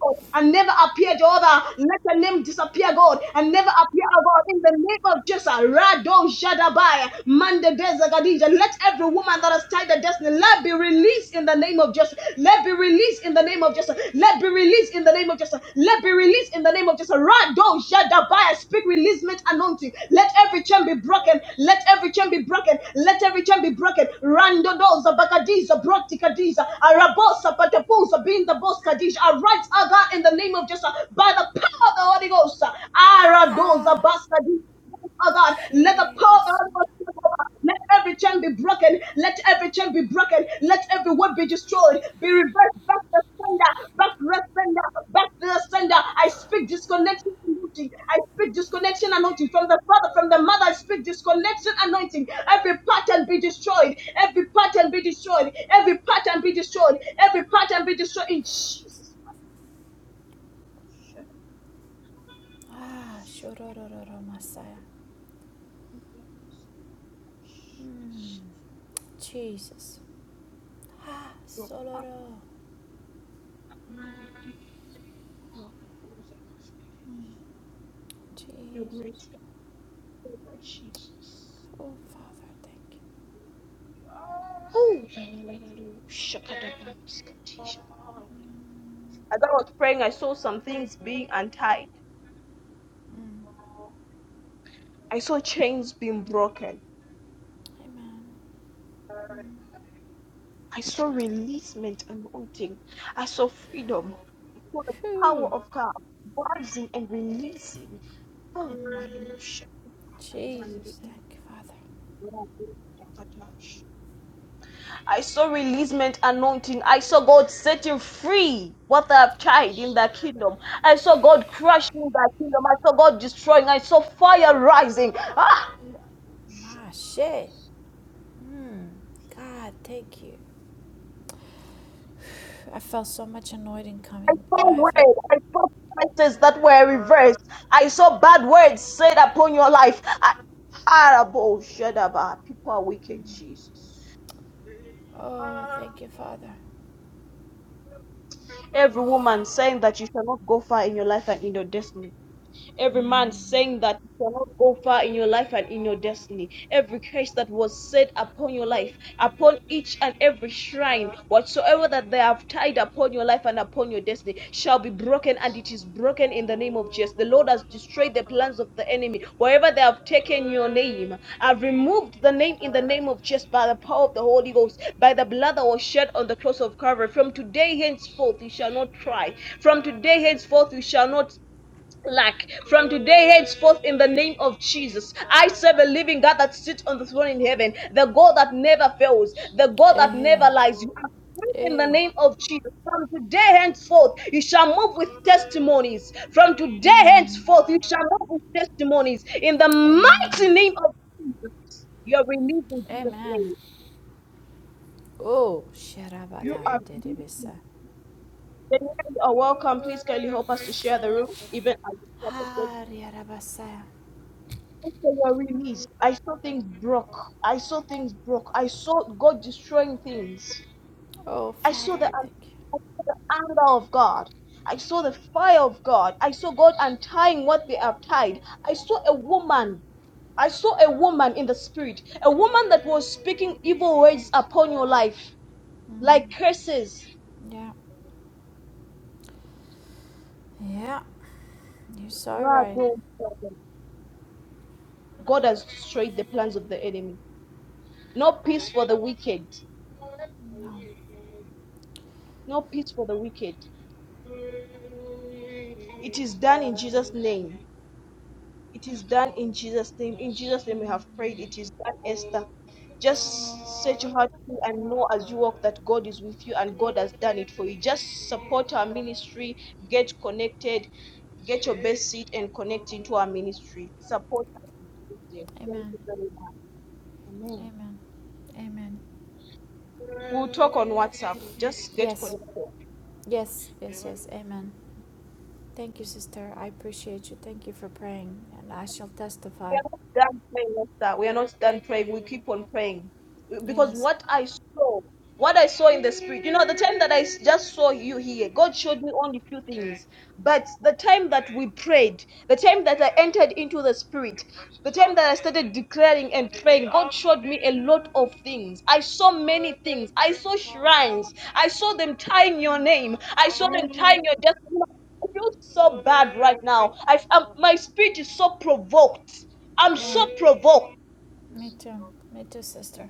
[SPEAKER 1] God, and never appear, Jehovah. Let the name disappear, God, and never appear, oh God, in the name of Jesus. Rado Shadabai, Mande Dezagadija. Let every woman that has tied the destiny, let be released in the name of Jesus. Let be released in the name of Jesus. Let be released in the name of Jesus. Let be released in the name of Jesus. Rado Shadabai, I speak releasement anointing. Let every chain be broken. Let every chain be broken. Let every chain be broken. Rando doza bakadiza brotikadiza arabosa patapusa being the boss kadisha. Arise aga in the name of Jesus by the power of the Holy Ghost. Aradoza
[SPEAKER 2] Ha,
[SPEAKER 1] baskadiza. Oh God,
[SPEAKER 2] she
[SPEAKER 1] let the
[SPEAKER 2] re
[SPEAKER 1] power of the Holy
[SPEAKER 2] besunto.
[SPEAKER 1] Spirit, oh God, let every chain be broken. Let every chain be broken. Let every word be destroyed. Be reversed back to the sender. Back to the sender. Back to the sender. I speak disconnection anointing. I speak disconnection anointing from the father, from the mother. I speak disconnection anointing. Every pattern be destroyed. Every pattern be destroyed. Every pattern be destroyed. Every pattern be destroyed. In Jesus' mighty name.
[SPEAKER 2] Ah, shoro do do do masaya. Mm. Jesus. Ah,
[SPEAKER 1] Your power,
[SPEAKER 2] soloro.
[SPEAKER 1] your
[SPEAKER 2] Jesus.
[SPEAKER 1] grace, your grace, God, Jesus.
[SPEAKER 2] Oh, Father, thank you.
[SPEAKER 1] Oh, hallelujah. Shakadabasketesh. As I was praying, I saw some things being untied. I saw chains being broken.
[SPEAKER 2] Amen.
[SPEAKER 1] I saw releasement and mounting. I saw freedom. I saw the power
[SPEAKER 2] Phew.
[SPEAKER 1] of God rising and releasing. Oh,
[SPEAKER 2] Mm.
[SPEAKER 1] hallelujah.
[SPEAKER 2] Jesus, thank you, Father.
[SPEAKER 1] Shakadabasketesh. I saw releasement anointing. I saw God setting free what they have tried in the kingdom. I saw God crushing the kingdom. I saw God destroying. I saw fire rising. Ah,
[SPEAKER 2] My shit. Mm. God, thank you. I felt so much annoyed in
[SPEAKER 1] I
[SPEAKER 2] coming,
[SPEAKER 1] saw
[SPEAKER 2] Iva.
[SPEAKER 1] words. I saw sentences that were reversed. I saw bad words said upon your life. I, horrible shadaba. People are wicked, Jesus.
[SPEAKER 2] Oh, thank you, Father.
[SPEAKER 1] Every woman saying that you shall not go far in your life and in your destiny. Every man
[SPEAKER 2] Mm.
[SPEAKER 1] saying that you cannot go far in your life and in your destiny. Every curse that was set upon your life, upon each and every shrine, whatsoever that they have tied upon your life and upon your destiny, shall be broken, and it is broken in the name of Jesus. The Lord has destroyed the plans of the enemy. Wherever they have taken your name, I've removed the name in the name of Jesus by the power of the Holy Ghost, by the blood that was shed on the cross of Calvary. From today henceforth, you shall not try. From today henceforth, you shall not lack from today henceforth in the name of Jesus. I serve a living God that sits on the throne in heaven, the God that never fails, the God that
[SPEAKER 2] Eh.
[SPEAKER 1] never lies. You are free in the
[SPEAKER 2] Eh.
[SPEAKER 1] name of Jesus. From today henceforth, you shall move with testimonies. From today
[SPEAKER 2] Mm.
[SPEAKER 1] henceforth, you shall move with testimonies in the mighty
[SPEAKER 2] Amen.
[SPEAKER 1] name of Jesus. You are released in Jesus'
[SPEAKER 2] Amen.
[SPEAKER 1] name.
[SPEAKER 2] Oh,
[SPEAKER 1] You are
[SPEAKER 2] Sherabadan
[SPEAKER 1] released.
[SPEAKER 2] Deribisa.
[SPEAKER 1] Then you are welcome. Please kindly help us to share the room, even as
[SPEAKER 2] Hariyarabasaya.
[SPEAKER 1] saw your release. I saw things broke. I saw things broke. I saw God destroying things.
[SPEAKER 2] Oh,
[SPEAKER 1] I saw
[SPEAKER 2] Father,
[SPEAKER 1] the,
[SPEAKER 2] I
[SPEAKER 1] an-
[SPEAKER 2] thank you.
[SPEAKER 1] I saw the anger of God. I saw the fire of God. I saw God untying what they have tied. I saw a woman. I saw a woman in the spirit, a woman that was speaking evil words upon your life, like
[SPEAKER 2] Mm.
[SPEAKER 1] curses.
[SPEAKER 2] Yeah. Yeah. You're so right.
[SPEAKER 1] God has destroyed the plans of the enemy. No peace for the wicked.
[SPEAKER 2] No.
[SPEAKER 1] No peace for the wicked. It is done in Jesus' name. It is done in Jesus' name. In Jesus' name we have prayed. It is done, Esther. Just
[SPEAKER 2] Amen.
[SPEAKER 1] set your heart free and know as you walk that God is with you and God has done it for you. Just support our ministry, get connected, get your best seat and connect into our ministry. Support us. in Jesus' name. Thank
[SPEAKER 2] Amen.
[SPEAKER 1] you very
[SPEAKER 2] Amen. Amen.
[SPEAKER 1] We'll talk on WhatsApp. Just get
[SPEAKER 2] Yes.
[SPEAKER 1] connected.
[SPEAKER 2] Yes. Yes. Yes. Amen. Thank you, sister. I appreciate you. Thank you for praying. And I shall
[SPEAKER 1] We
[SPEAKER 2] testify.
[SPEAKER 1] are not done praying, Esther. We are not done praying. We keep on praying. Because
[SPEAKER 2] Yes.
[SPEAKER 1] what I saw, what I saw in the spirit, you know, the time that I s- just saw you here, God showed me only few things. But the time that we prayed, the time that I entered into the spirit, the time that I started declaring and praying, God showed me a lot of things. I saw many things. I saw shrines. I saw them tying your name. I saw them
[SPEAKER 2] Mm-hmm.
[SPEAKER 1] tying your death. I feel so bad right now. I, am my spirit is so provoked. I'm so
[SPEAKER 2] Yeah.
[SPEAKER 1] provoked.
[SPEAKER 2] Me too. Me too, sister.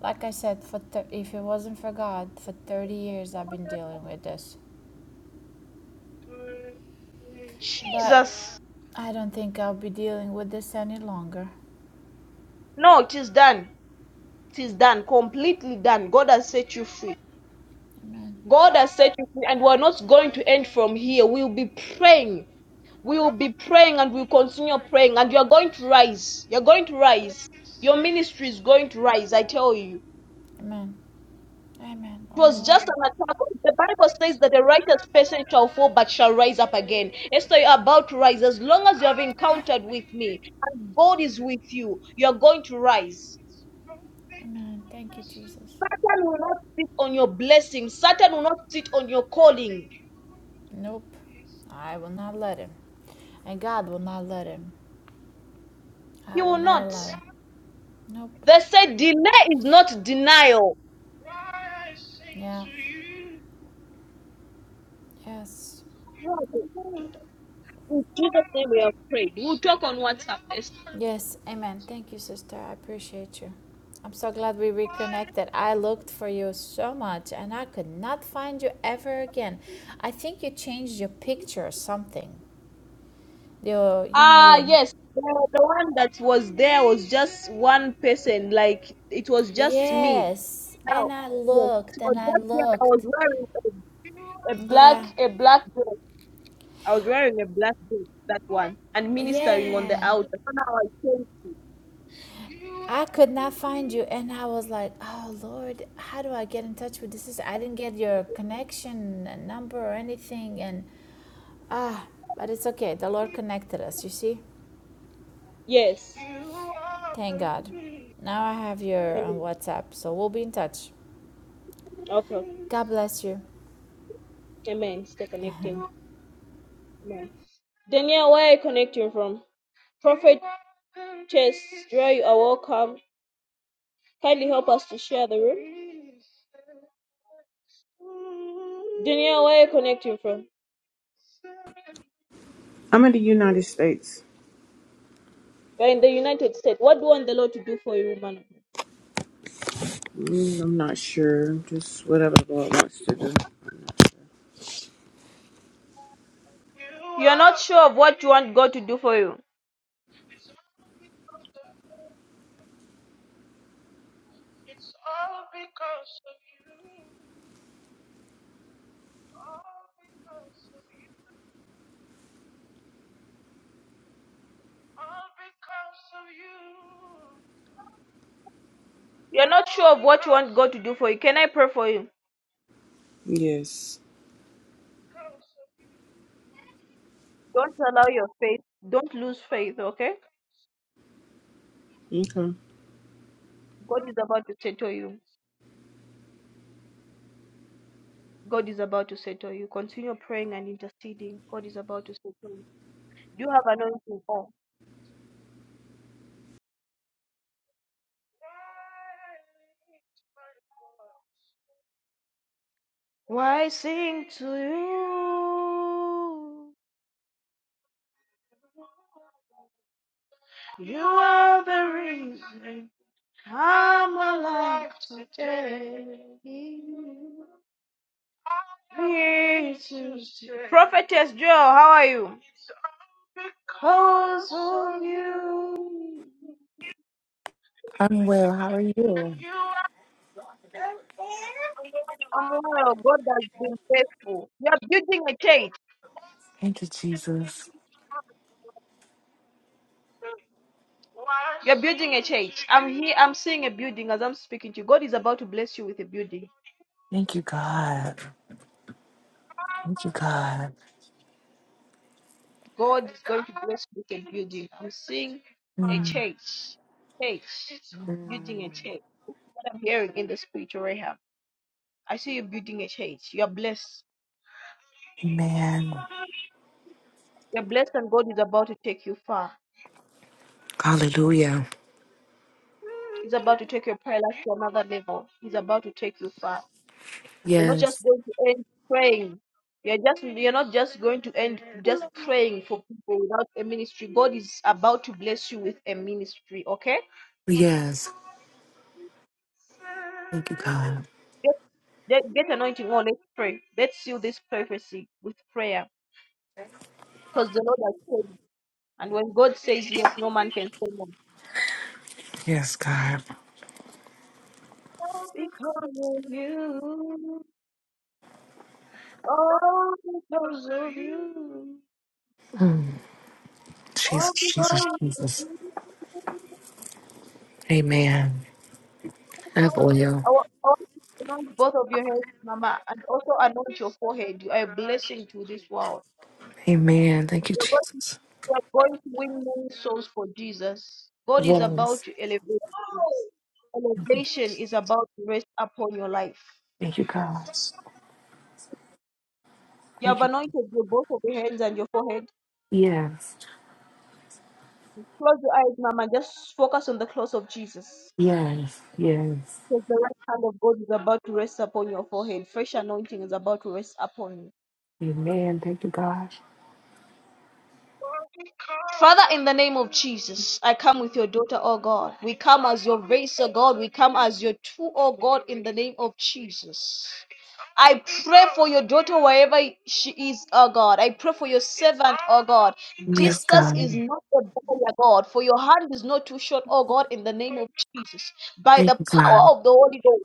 [SPEAKER 2] Like I said, for thir- if it wasn't for God, for 30 years I've been dealing with this. But
[SPEAKER 1] Jesus.
[SPEAKER 2] I don't think I'll be dealing with this any longer.
[SPEAKER 1] No, it is done. It is done. Completely done. God has set you free.
[SPEAKER 2] Amen.
[SPEAKER 1] God has set you free, and we're not going to end from here. We'll be praying. We will be praying and we'll continue praying. And you're going to rise. You're going to rise. Your ministry is going to rise, I tell you. It
[SPEAKER 2] Amen. Amen.
[SPEAKER 1] was just
[SPEAKER 2] Oh,
[SPEAKER 1] an attack. The Bible says that the righteous person shall fall but shall rise up again. Esther, you're about to rise. As long as you have encountered with me and God is with you, you're going to rise.
[SPEAKER 2] amen. Thank you, Jesus.
[SPEAKER 1] Satan will not sit on your blessing. Satan will not sit on your calling.
[SPEAKER 2] Nope. I will not let him. And God will not let him. I
[SPEAKER 1] He
[SPEAKER 2] will
[SPEAKER 1] will
[SPEAKER 2] not
[SPEAKER 1] not.
[SPEAKER 2] allow it. Nope.
[SPEAKER 1] They said delay is not denial.
[SPEAKER 2] Yeah. Yes.
[SPEAKER 1] In Jesus' name we have prayed. We'll talk on WhatsApp.
[SPEAKER 2] Yes. Amen. Thank you, sister. I appreciate you. I'm so glad we reconnected. I looked for you so much and I could not find you ever again. I think you changed your picture or something. Your, you know,
[SPEAKER 1] Ah,
[SPEAKER 2] your.
[SPEAKER 1] yes. The, the one that was there was just one person. Like, it was just me.
[SPEAKER 2] Yes.
[SPEAKER 1] Now,
[SPEAKER 2] And I
[SPEAKER 1] yes.
[SPEAKER 2] looked
[SPEAKER 1] It was
[SPEAKER 2] and I
[SPEAKER 1] just me. I was
[SPEAKER 2] looked.
[SPEAKER 1] wearing a, a black,
[SPEAKER 2] Yeah.
[SPEAKER 1] a black dress. I was wearing a black dress, that one. And minister
[SPEAKER 2] Yeah.
[SPEAKER 1] out. That's how I came to.
[SPEAKER 2] I could not find you, and I was like, "Oh Lord, how do I get in touch with this sister? I didn't get your connection uh, number or anything." And ah, but it's okay. The Lord connected us. You see,
[SPEAKER 1] Yes.
[SPEAKER 2] thank God. Now I have your um, WhatsApp, so we'll be in touch.
[SPEAKER 1] Okay.
[SPEAKER 2] God bless you.
[SPEAKER 1] Amen. Stay connected. Amen. Daniel, where are you connecting from? Prophet Chess, Joy, you are welcome. Kindly help us to share the room. Daniel, where are you connecting from?
[SPEAKER 3] I'm in the United States.
[SPEAKER 1] You're in the United States. What do you want the Lord to do for you, man?
[SPEAKER 3] Mm, I'm not sure. Just whatever the Lord wants to do.
[SPEAKER 1] What you want God to do for you? You're not sure of what you want God to do for you. Can I pray for you?
[SPEAKER 3] Yes.
[SPEAKER 1] Don't allow your faith. Don't lose faith, okay?
[SPEAKER 3] Okay.
[SPEAKER 1] God is about to settle you. God is about to settle you. Continue praying and interceding. God is about to settle you. Do you have anointing? oil? Why sing to you? You are the reason I'm alive today. Please. Prophetess Joe, how are you? How's on you?
[SPEAKER 4] I'm well. How are you?
[SPEAKER 1] I'm well. God has been faithful. You are building a church.
[SPEAKER 4] Thank you, Jesus.
[SPEAKER 1] See, I'm seeing a building as I'm speaking to you. God is about to bless you with a building.
[SPEAKER 4] Thank you, God. Thank you, God.
[SPEAKER 1] God is blessing
[SPEAKER 4] Mm.
[SPEAKER 1] with a church. Church.
[SPEAKER 4] Mm.
[SPEAKER 1] Building a church. What I'm hearing in the spiritual realm. I see you building a church. You're blessed.
[SPEAKER 4] Amen.
[SPEAKER 1] You're blessed, and God is about to take you far.
[SPEAKER 4] Hallelujah.
[SPEAKER 1] He's about to take your prayer life to another level. He's about to take you far. You're not just
[SPEAKER 4] Yes.
[SPEAKER 1] going to end praying. You're just you're not just going to end just praying for people without a ministry. God is about to bless you with a ministry. Okay,
[SPEAKER 4] Yes. Thank you, God.
[SPEAKER 1] get get, get anointing. Oh, let's pray. Let's seal this prophecy with prayer, because the Lord has said. it. And when God says yes, no man can say no.
[SPEAKER 4] Yes, God.
[SPEAKER 1] Because of you. All because of you.
[SPEAKER 4] Mm.
[SPEAKER 1] All
[SPEAKER 4] Jesus, Jesus,
[SPEAKER 1] because of
[SPEAKER 4] Jesus.
[SPEAKER 1] you.
[SPEAKER 4] Amen. I have oil.
[SPEAKER 1] I want all to anoint both of your heads, Mama, and also anoint your forehead. You are a blessing to this world.
[SPEAKER 4] Amen. Thank you,
[SPEAKER 1] You're going to,
[SPEAKER 4] Jesus.
[SPEAKER 1] you are going to win many souls for Jesus. God is about
[SPEAKER 4] Yes.
[SPEAKER 1] to elevate. Elevation is about to rest upon your life.
[SPEAKER 4] Thank you, God.
[SPEAKER 1] You have
[SPEAKER 4] Thank you.
[SPEAKER 1] anointed your both of your hands and your forehead.
[SPEAKER 4] Yes.
[SPEAKER 1] Close your eyes, Mama. Just focus on the cross of Jesus.
[SPEAKER 4] Yes. Yes.
[SPEAKER 1] Because the right hand of God is about to rest upon your forehead. Fresh anointing is about to rest upon you.
[SPEAKER 4] Amen. Thank you, God.
[SPEAKER 1] Father, in the name of Jesus, I come with your daughter, oh God. We come as your race, oh God. We come as your true, oh God, in the name of Jesus. I pray for your daughter wherever she is, oh God. I pray for your servant, oh God.
[SPEAKER 4] Yes,
[SPEAKER 1] Distance is
[SPEAKER 4] God.
[SPEAKER 1] not a barrier, God, for your hand is not too short, oh God, in the name of Jesus. By
[SPEAKER 4] Thank
[SPEAKER 1] the
[SPEAKER 4] you,
[SPEAKER 1] power
[SPEAKER 4] God.
[SPEAKER 1] of the Holy Ghost.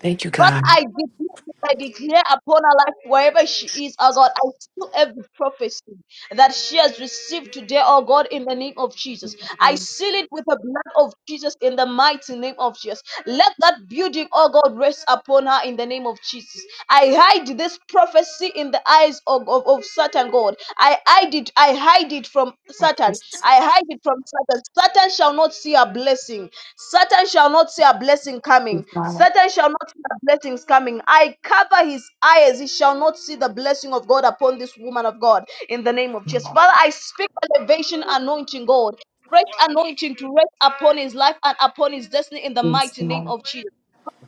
[SPEAKER 4] Thank you,
[SPEAKER 1] Father,
[SPEAKER 4] God.
[SPEAKER 1] I declare, I declare upon her life wherever she is, oh God, I seal every prophecy that she has received today, oh God, in the name of Jesus. I seal it with the blood of Jesus in the mighty name of Jesus. Let that building, oh God, rest upon her in the name of Jesus. I hide this prophecy in the eyes of, of, of Satan, God. I hide it, I hide it from
[SPEAKER 4] Lord
[SPEAKER 1] Satan.
[SPEAKER 4] Jesus,
[SPEAKER 1] I hide it from Satan. Satan shall not see her blessing. Satan shall not see a blessing
[SPEAKER 4] we
[SPEAKER 1] coming.
[SPEAKER 4] bow
[SPEAKER 1] Satan shall not see the blessings coming. I cover his eyes. He shall not see the blessing of God upon this woman of God in the name of
[SPEAKER 4] and
[SPEAKER 1] Jesus.
[SPEAKER 4] love
[SPEAKER 1] Father, I speak elevation anointing, God. Fresh anointing to rest upon his life and upon his destiny in the
[SPEAKER 4] this
[SPEAKER 1] mighty name
[SPEAKER 4] now,
[SPEAKER 1] of Jesus.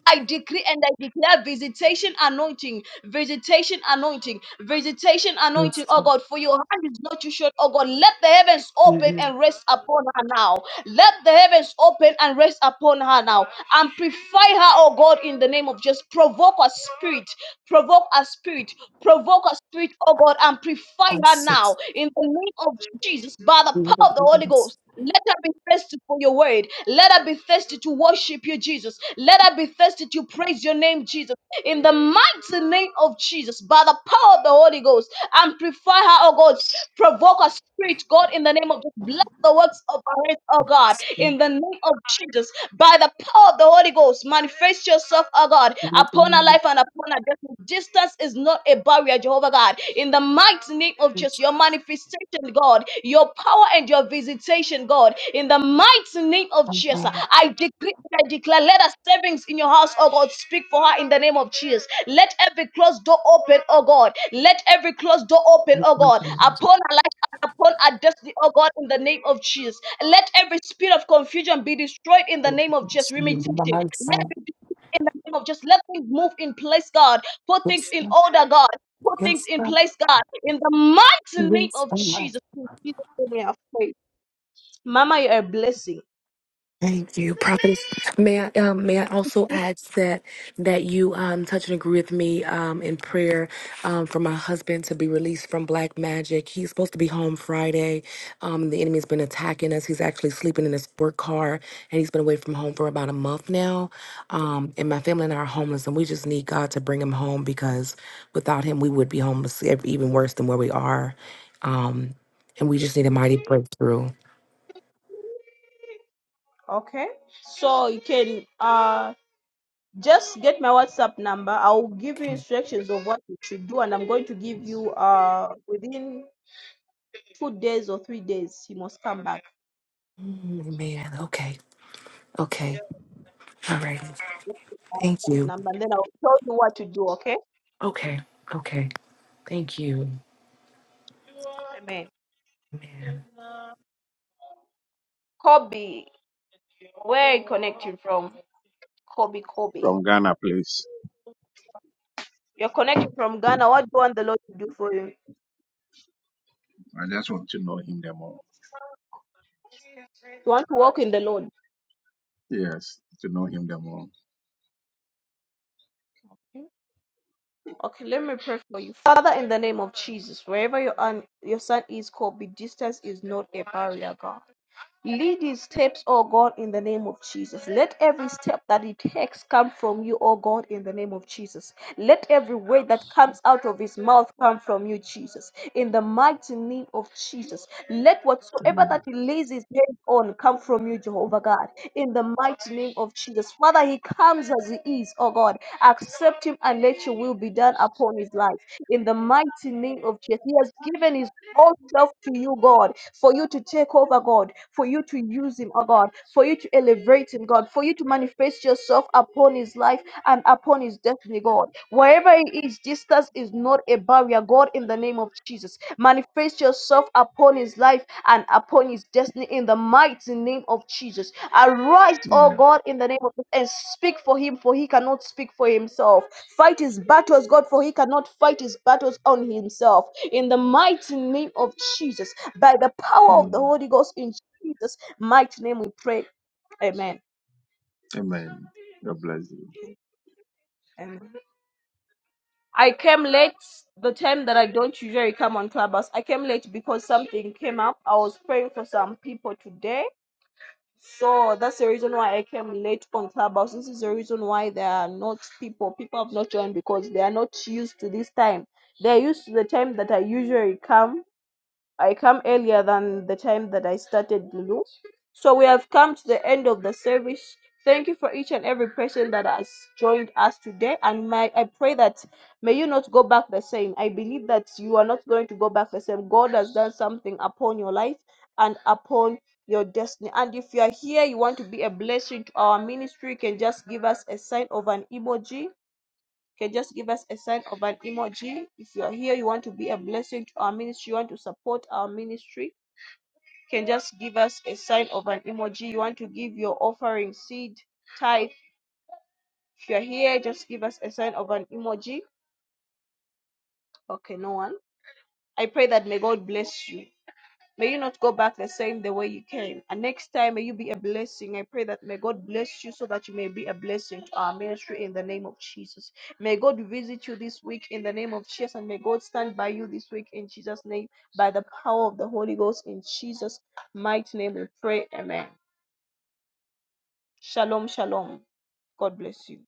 [SPEAKER 1] I decree and I declare visitation anointing, visitation anointing, visitation
[SPEAKER 4] this
[SPEAKER 1] anointing, oh
[SPEAKER 4] time,
[SPEAKER 1] God, for your hand is not too short, oh God. Let the heavens
[SPEAKER 4] we
[SPEAKER 1] open
[SPEAKER 4] will
[SPEAKER 1] and rest upon her now. Let the heavens open and rest upon her now. Amplify her, oh God, in the name of Jesus. provoke a spirit, provoke a spirit, provoke a spirit, oh God, amplify her
[SPEAKER 4] accept
[SPEAKER 1] now in the name of Jesus by the
[SPEAKER 4] the
[SPEAKER 1] power of the Holy Ghost. Let her be thirsty for your word. Let her be thirsty to worship you, Jesus. Let her be thirsty to praise your name, Jesus. In the mighty name of Jesus, by the power of the Holy Ghost, Amplify her, oh God. Provoke her spirit, God, in the name of Jesus. Bless the works of our hands, oh
[SPEAKER 4] of
[SPEAKER 1] God,
[SPEAKER 4] this spirit.
[SPEAKER 1] in the name of Jesus. By the power of the Holy Ghost, manifest yourself, oh God,
[SPEAKER 4] We love
[SPEAKER 1] upon her
[SPEAKER 4] you,
[SPEAKER 1] life and upon her destiny. Distance is not a barrier, Jehovah God. In the mighty name of Jesus, your manifestation, God, your power and your visitation, God, in the mighty name of
[SPEAKER 4] and
[SPEAKER 1] Jesus,
[SPEAKER 4] God,
[SPEAKER 1] I decree and I declare, let us savings in your house, oh God, speak for her in the name of Jesus. Let every closed door open, oh God, let every closed door open,
[SPEAKER 4] we
[SPEAKER 1] oh
[SPEAKER 4] thank
[SPEAKER 1] God,
[SPEAKER 4] you,
[SPEAKER 1] upon our life and upon our destiny, oh God, in the name of Jesus. Let every spirit of confusion be destroyed in the name of Jesus.
[SPEAKER 4] Jesus. In
[SPEAKER 1] Limitation.
[SPEAKER 4] the mighty
[SPEAKER 1] Let
[SPEAKER 4] name
[SPEAKER 1] it be in the name of Jesus, let things move in place, God. Put
[SPEAKER 4] of
[SPEAKER 1] things
[SPEAKER 4] Jesus,
[SPEAKER 1] in order, God. Put things
[SPEAKER 4] yes,
[SPEAKER 1] in
[SPEAKER 4] God,
[SPEAKER 1] place, God. In the mighty name
[SPEAKER 4] yes,
[SPEAKER 1] of
[SPEAKER 4] God,
[SPEAKER 1] Jesus. In Jesus' name we have prayed. Mama, you're a blessing.
[SPEAKER 4] Thank you, Prophetess. May I um, may I also add that that you um, touch and agree with me um, in prayer um, for my husband to be released from black magic. He's supposed to be home Friday. Um, the enemy's been attacking us. He's actually sleeping in his work car, and he's been away from home for about a month now. Um, and my family and I are homeless, and we just need God to bring him home because without him, we would be homeless, ev- even worse than where we are. Um, and we just need a mighty breakthrough.
[SPEAKER 1] Okay? So you can uh just get my WhatsApp number. I'll give you
[SPEAKER 4] Okay.
[SPEAKER 1] instructions of what you should do, and I'm going to give you uh within two days or three days, you must come back.
[SPEAKER 4] Mm, Man, okay. Okay. All right. Thank you.
[SPEAKER 1] number, and then I'll tell you what to do, okay?
[SPEAKER 4] Okay. Okay. Thank you. Man.
[SPEAKER 1] Kobe, where are you connecting from? Kobe, Kobe.
[SPEAKER 5] From Ghana, please.
[SPEAKER 1] You're connecting from Ghana. What do you want the Lord to do for you?
[SPEAKER 5] I just want to know him the more.
[SPEAKER 1] You want to walk in the Lord.
[SPEAKER 5] Yes, to know him the more.
[SPEAKER 1] Okay, let me pray for you. Father, in the name of Jesus, wherever your, an- your son is, Kobe, distance is not a barrier, God. Lead his steps, O God, in the name of Jesus. Let every step that he takes come from you, O God, in the name of Jesus. Let every word that comes out of his mouth come from you, Jesus. In the mighty name of Jesus. Let whatsoever that
[SPEAKER 5] Amen.
[SPEAKER 1] he lays his hands on come from you, Jehovah God. In the mighty name of Jesus. Father, he comes as he is, O God. Accept him and let your will be done upon his life. In the mighty name of Jesus. He has given his all self to you, God, for you to take over, God, for you to use him, oh God, for you to elevate him, God, for you to manifest yourself upon his life and upon his destiny, God. Wherever he is, distance is not a barrier, God, in the name of Jesus. Manifest yourself upon his life and upon his destiny in the mighty name of Jesus. Arise, oh
[SPEAKER 5] Amen.
[SPEAKER 1] God, in the name of Jesus, and speak for him, for he cannot speak for himself. Fight his battles, God, for he cannot fight his battles on himself in the mighty name of Jesus, by the power of the
[SPEAKER 5] Amen.
[SPEAKER 1] Holy Ghost in Jesus' mighty name, we pray. Amen.
[SPEAKER 5] Amen. God bless you.
[SPEAKER 1] Amen. I came late the time that I don't usually come on Clubhouse. I came late because something came up. I was praying for some people today. So that's the reason why I came late on Clubhouse. This is the reason why there are not people. People have not joined because they are not used to this time. They're used to the time that I usually come I come earlier than the time that I started, Lulu. So we have come to the end of the service. Thank you for each and every person that has joined us today. And my, I pray that may you not go back the same. I believe that you are not going to go back the same. God has done something upon your life and upon your destiny. And if you are here, you want to be a blessing to our ministry, you can just give us a sign of an emoji can just give us a sign of an emoji. If you are here, you want to be a blessing to our ministry, you want to support our ministry, can just give us a sign of an emoji. You want to give your offering seed tithe. If you're here, just give us a sign of an emoji. Okay, no one. I pray that may God bless you. May you not go back the same the way you came. And next time may you be a blessing. I pray that may God bless you so that you may be a blessing to our ministry in the name of Jesus. May God visit you this week in the name of Jesus and may God stand by you this week in Jesus' name by the power of the Holy Ghost in Jesus' mighty name we pray. Amen. Shalom, shalom. God bless you.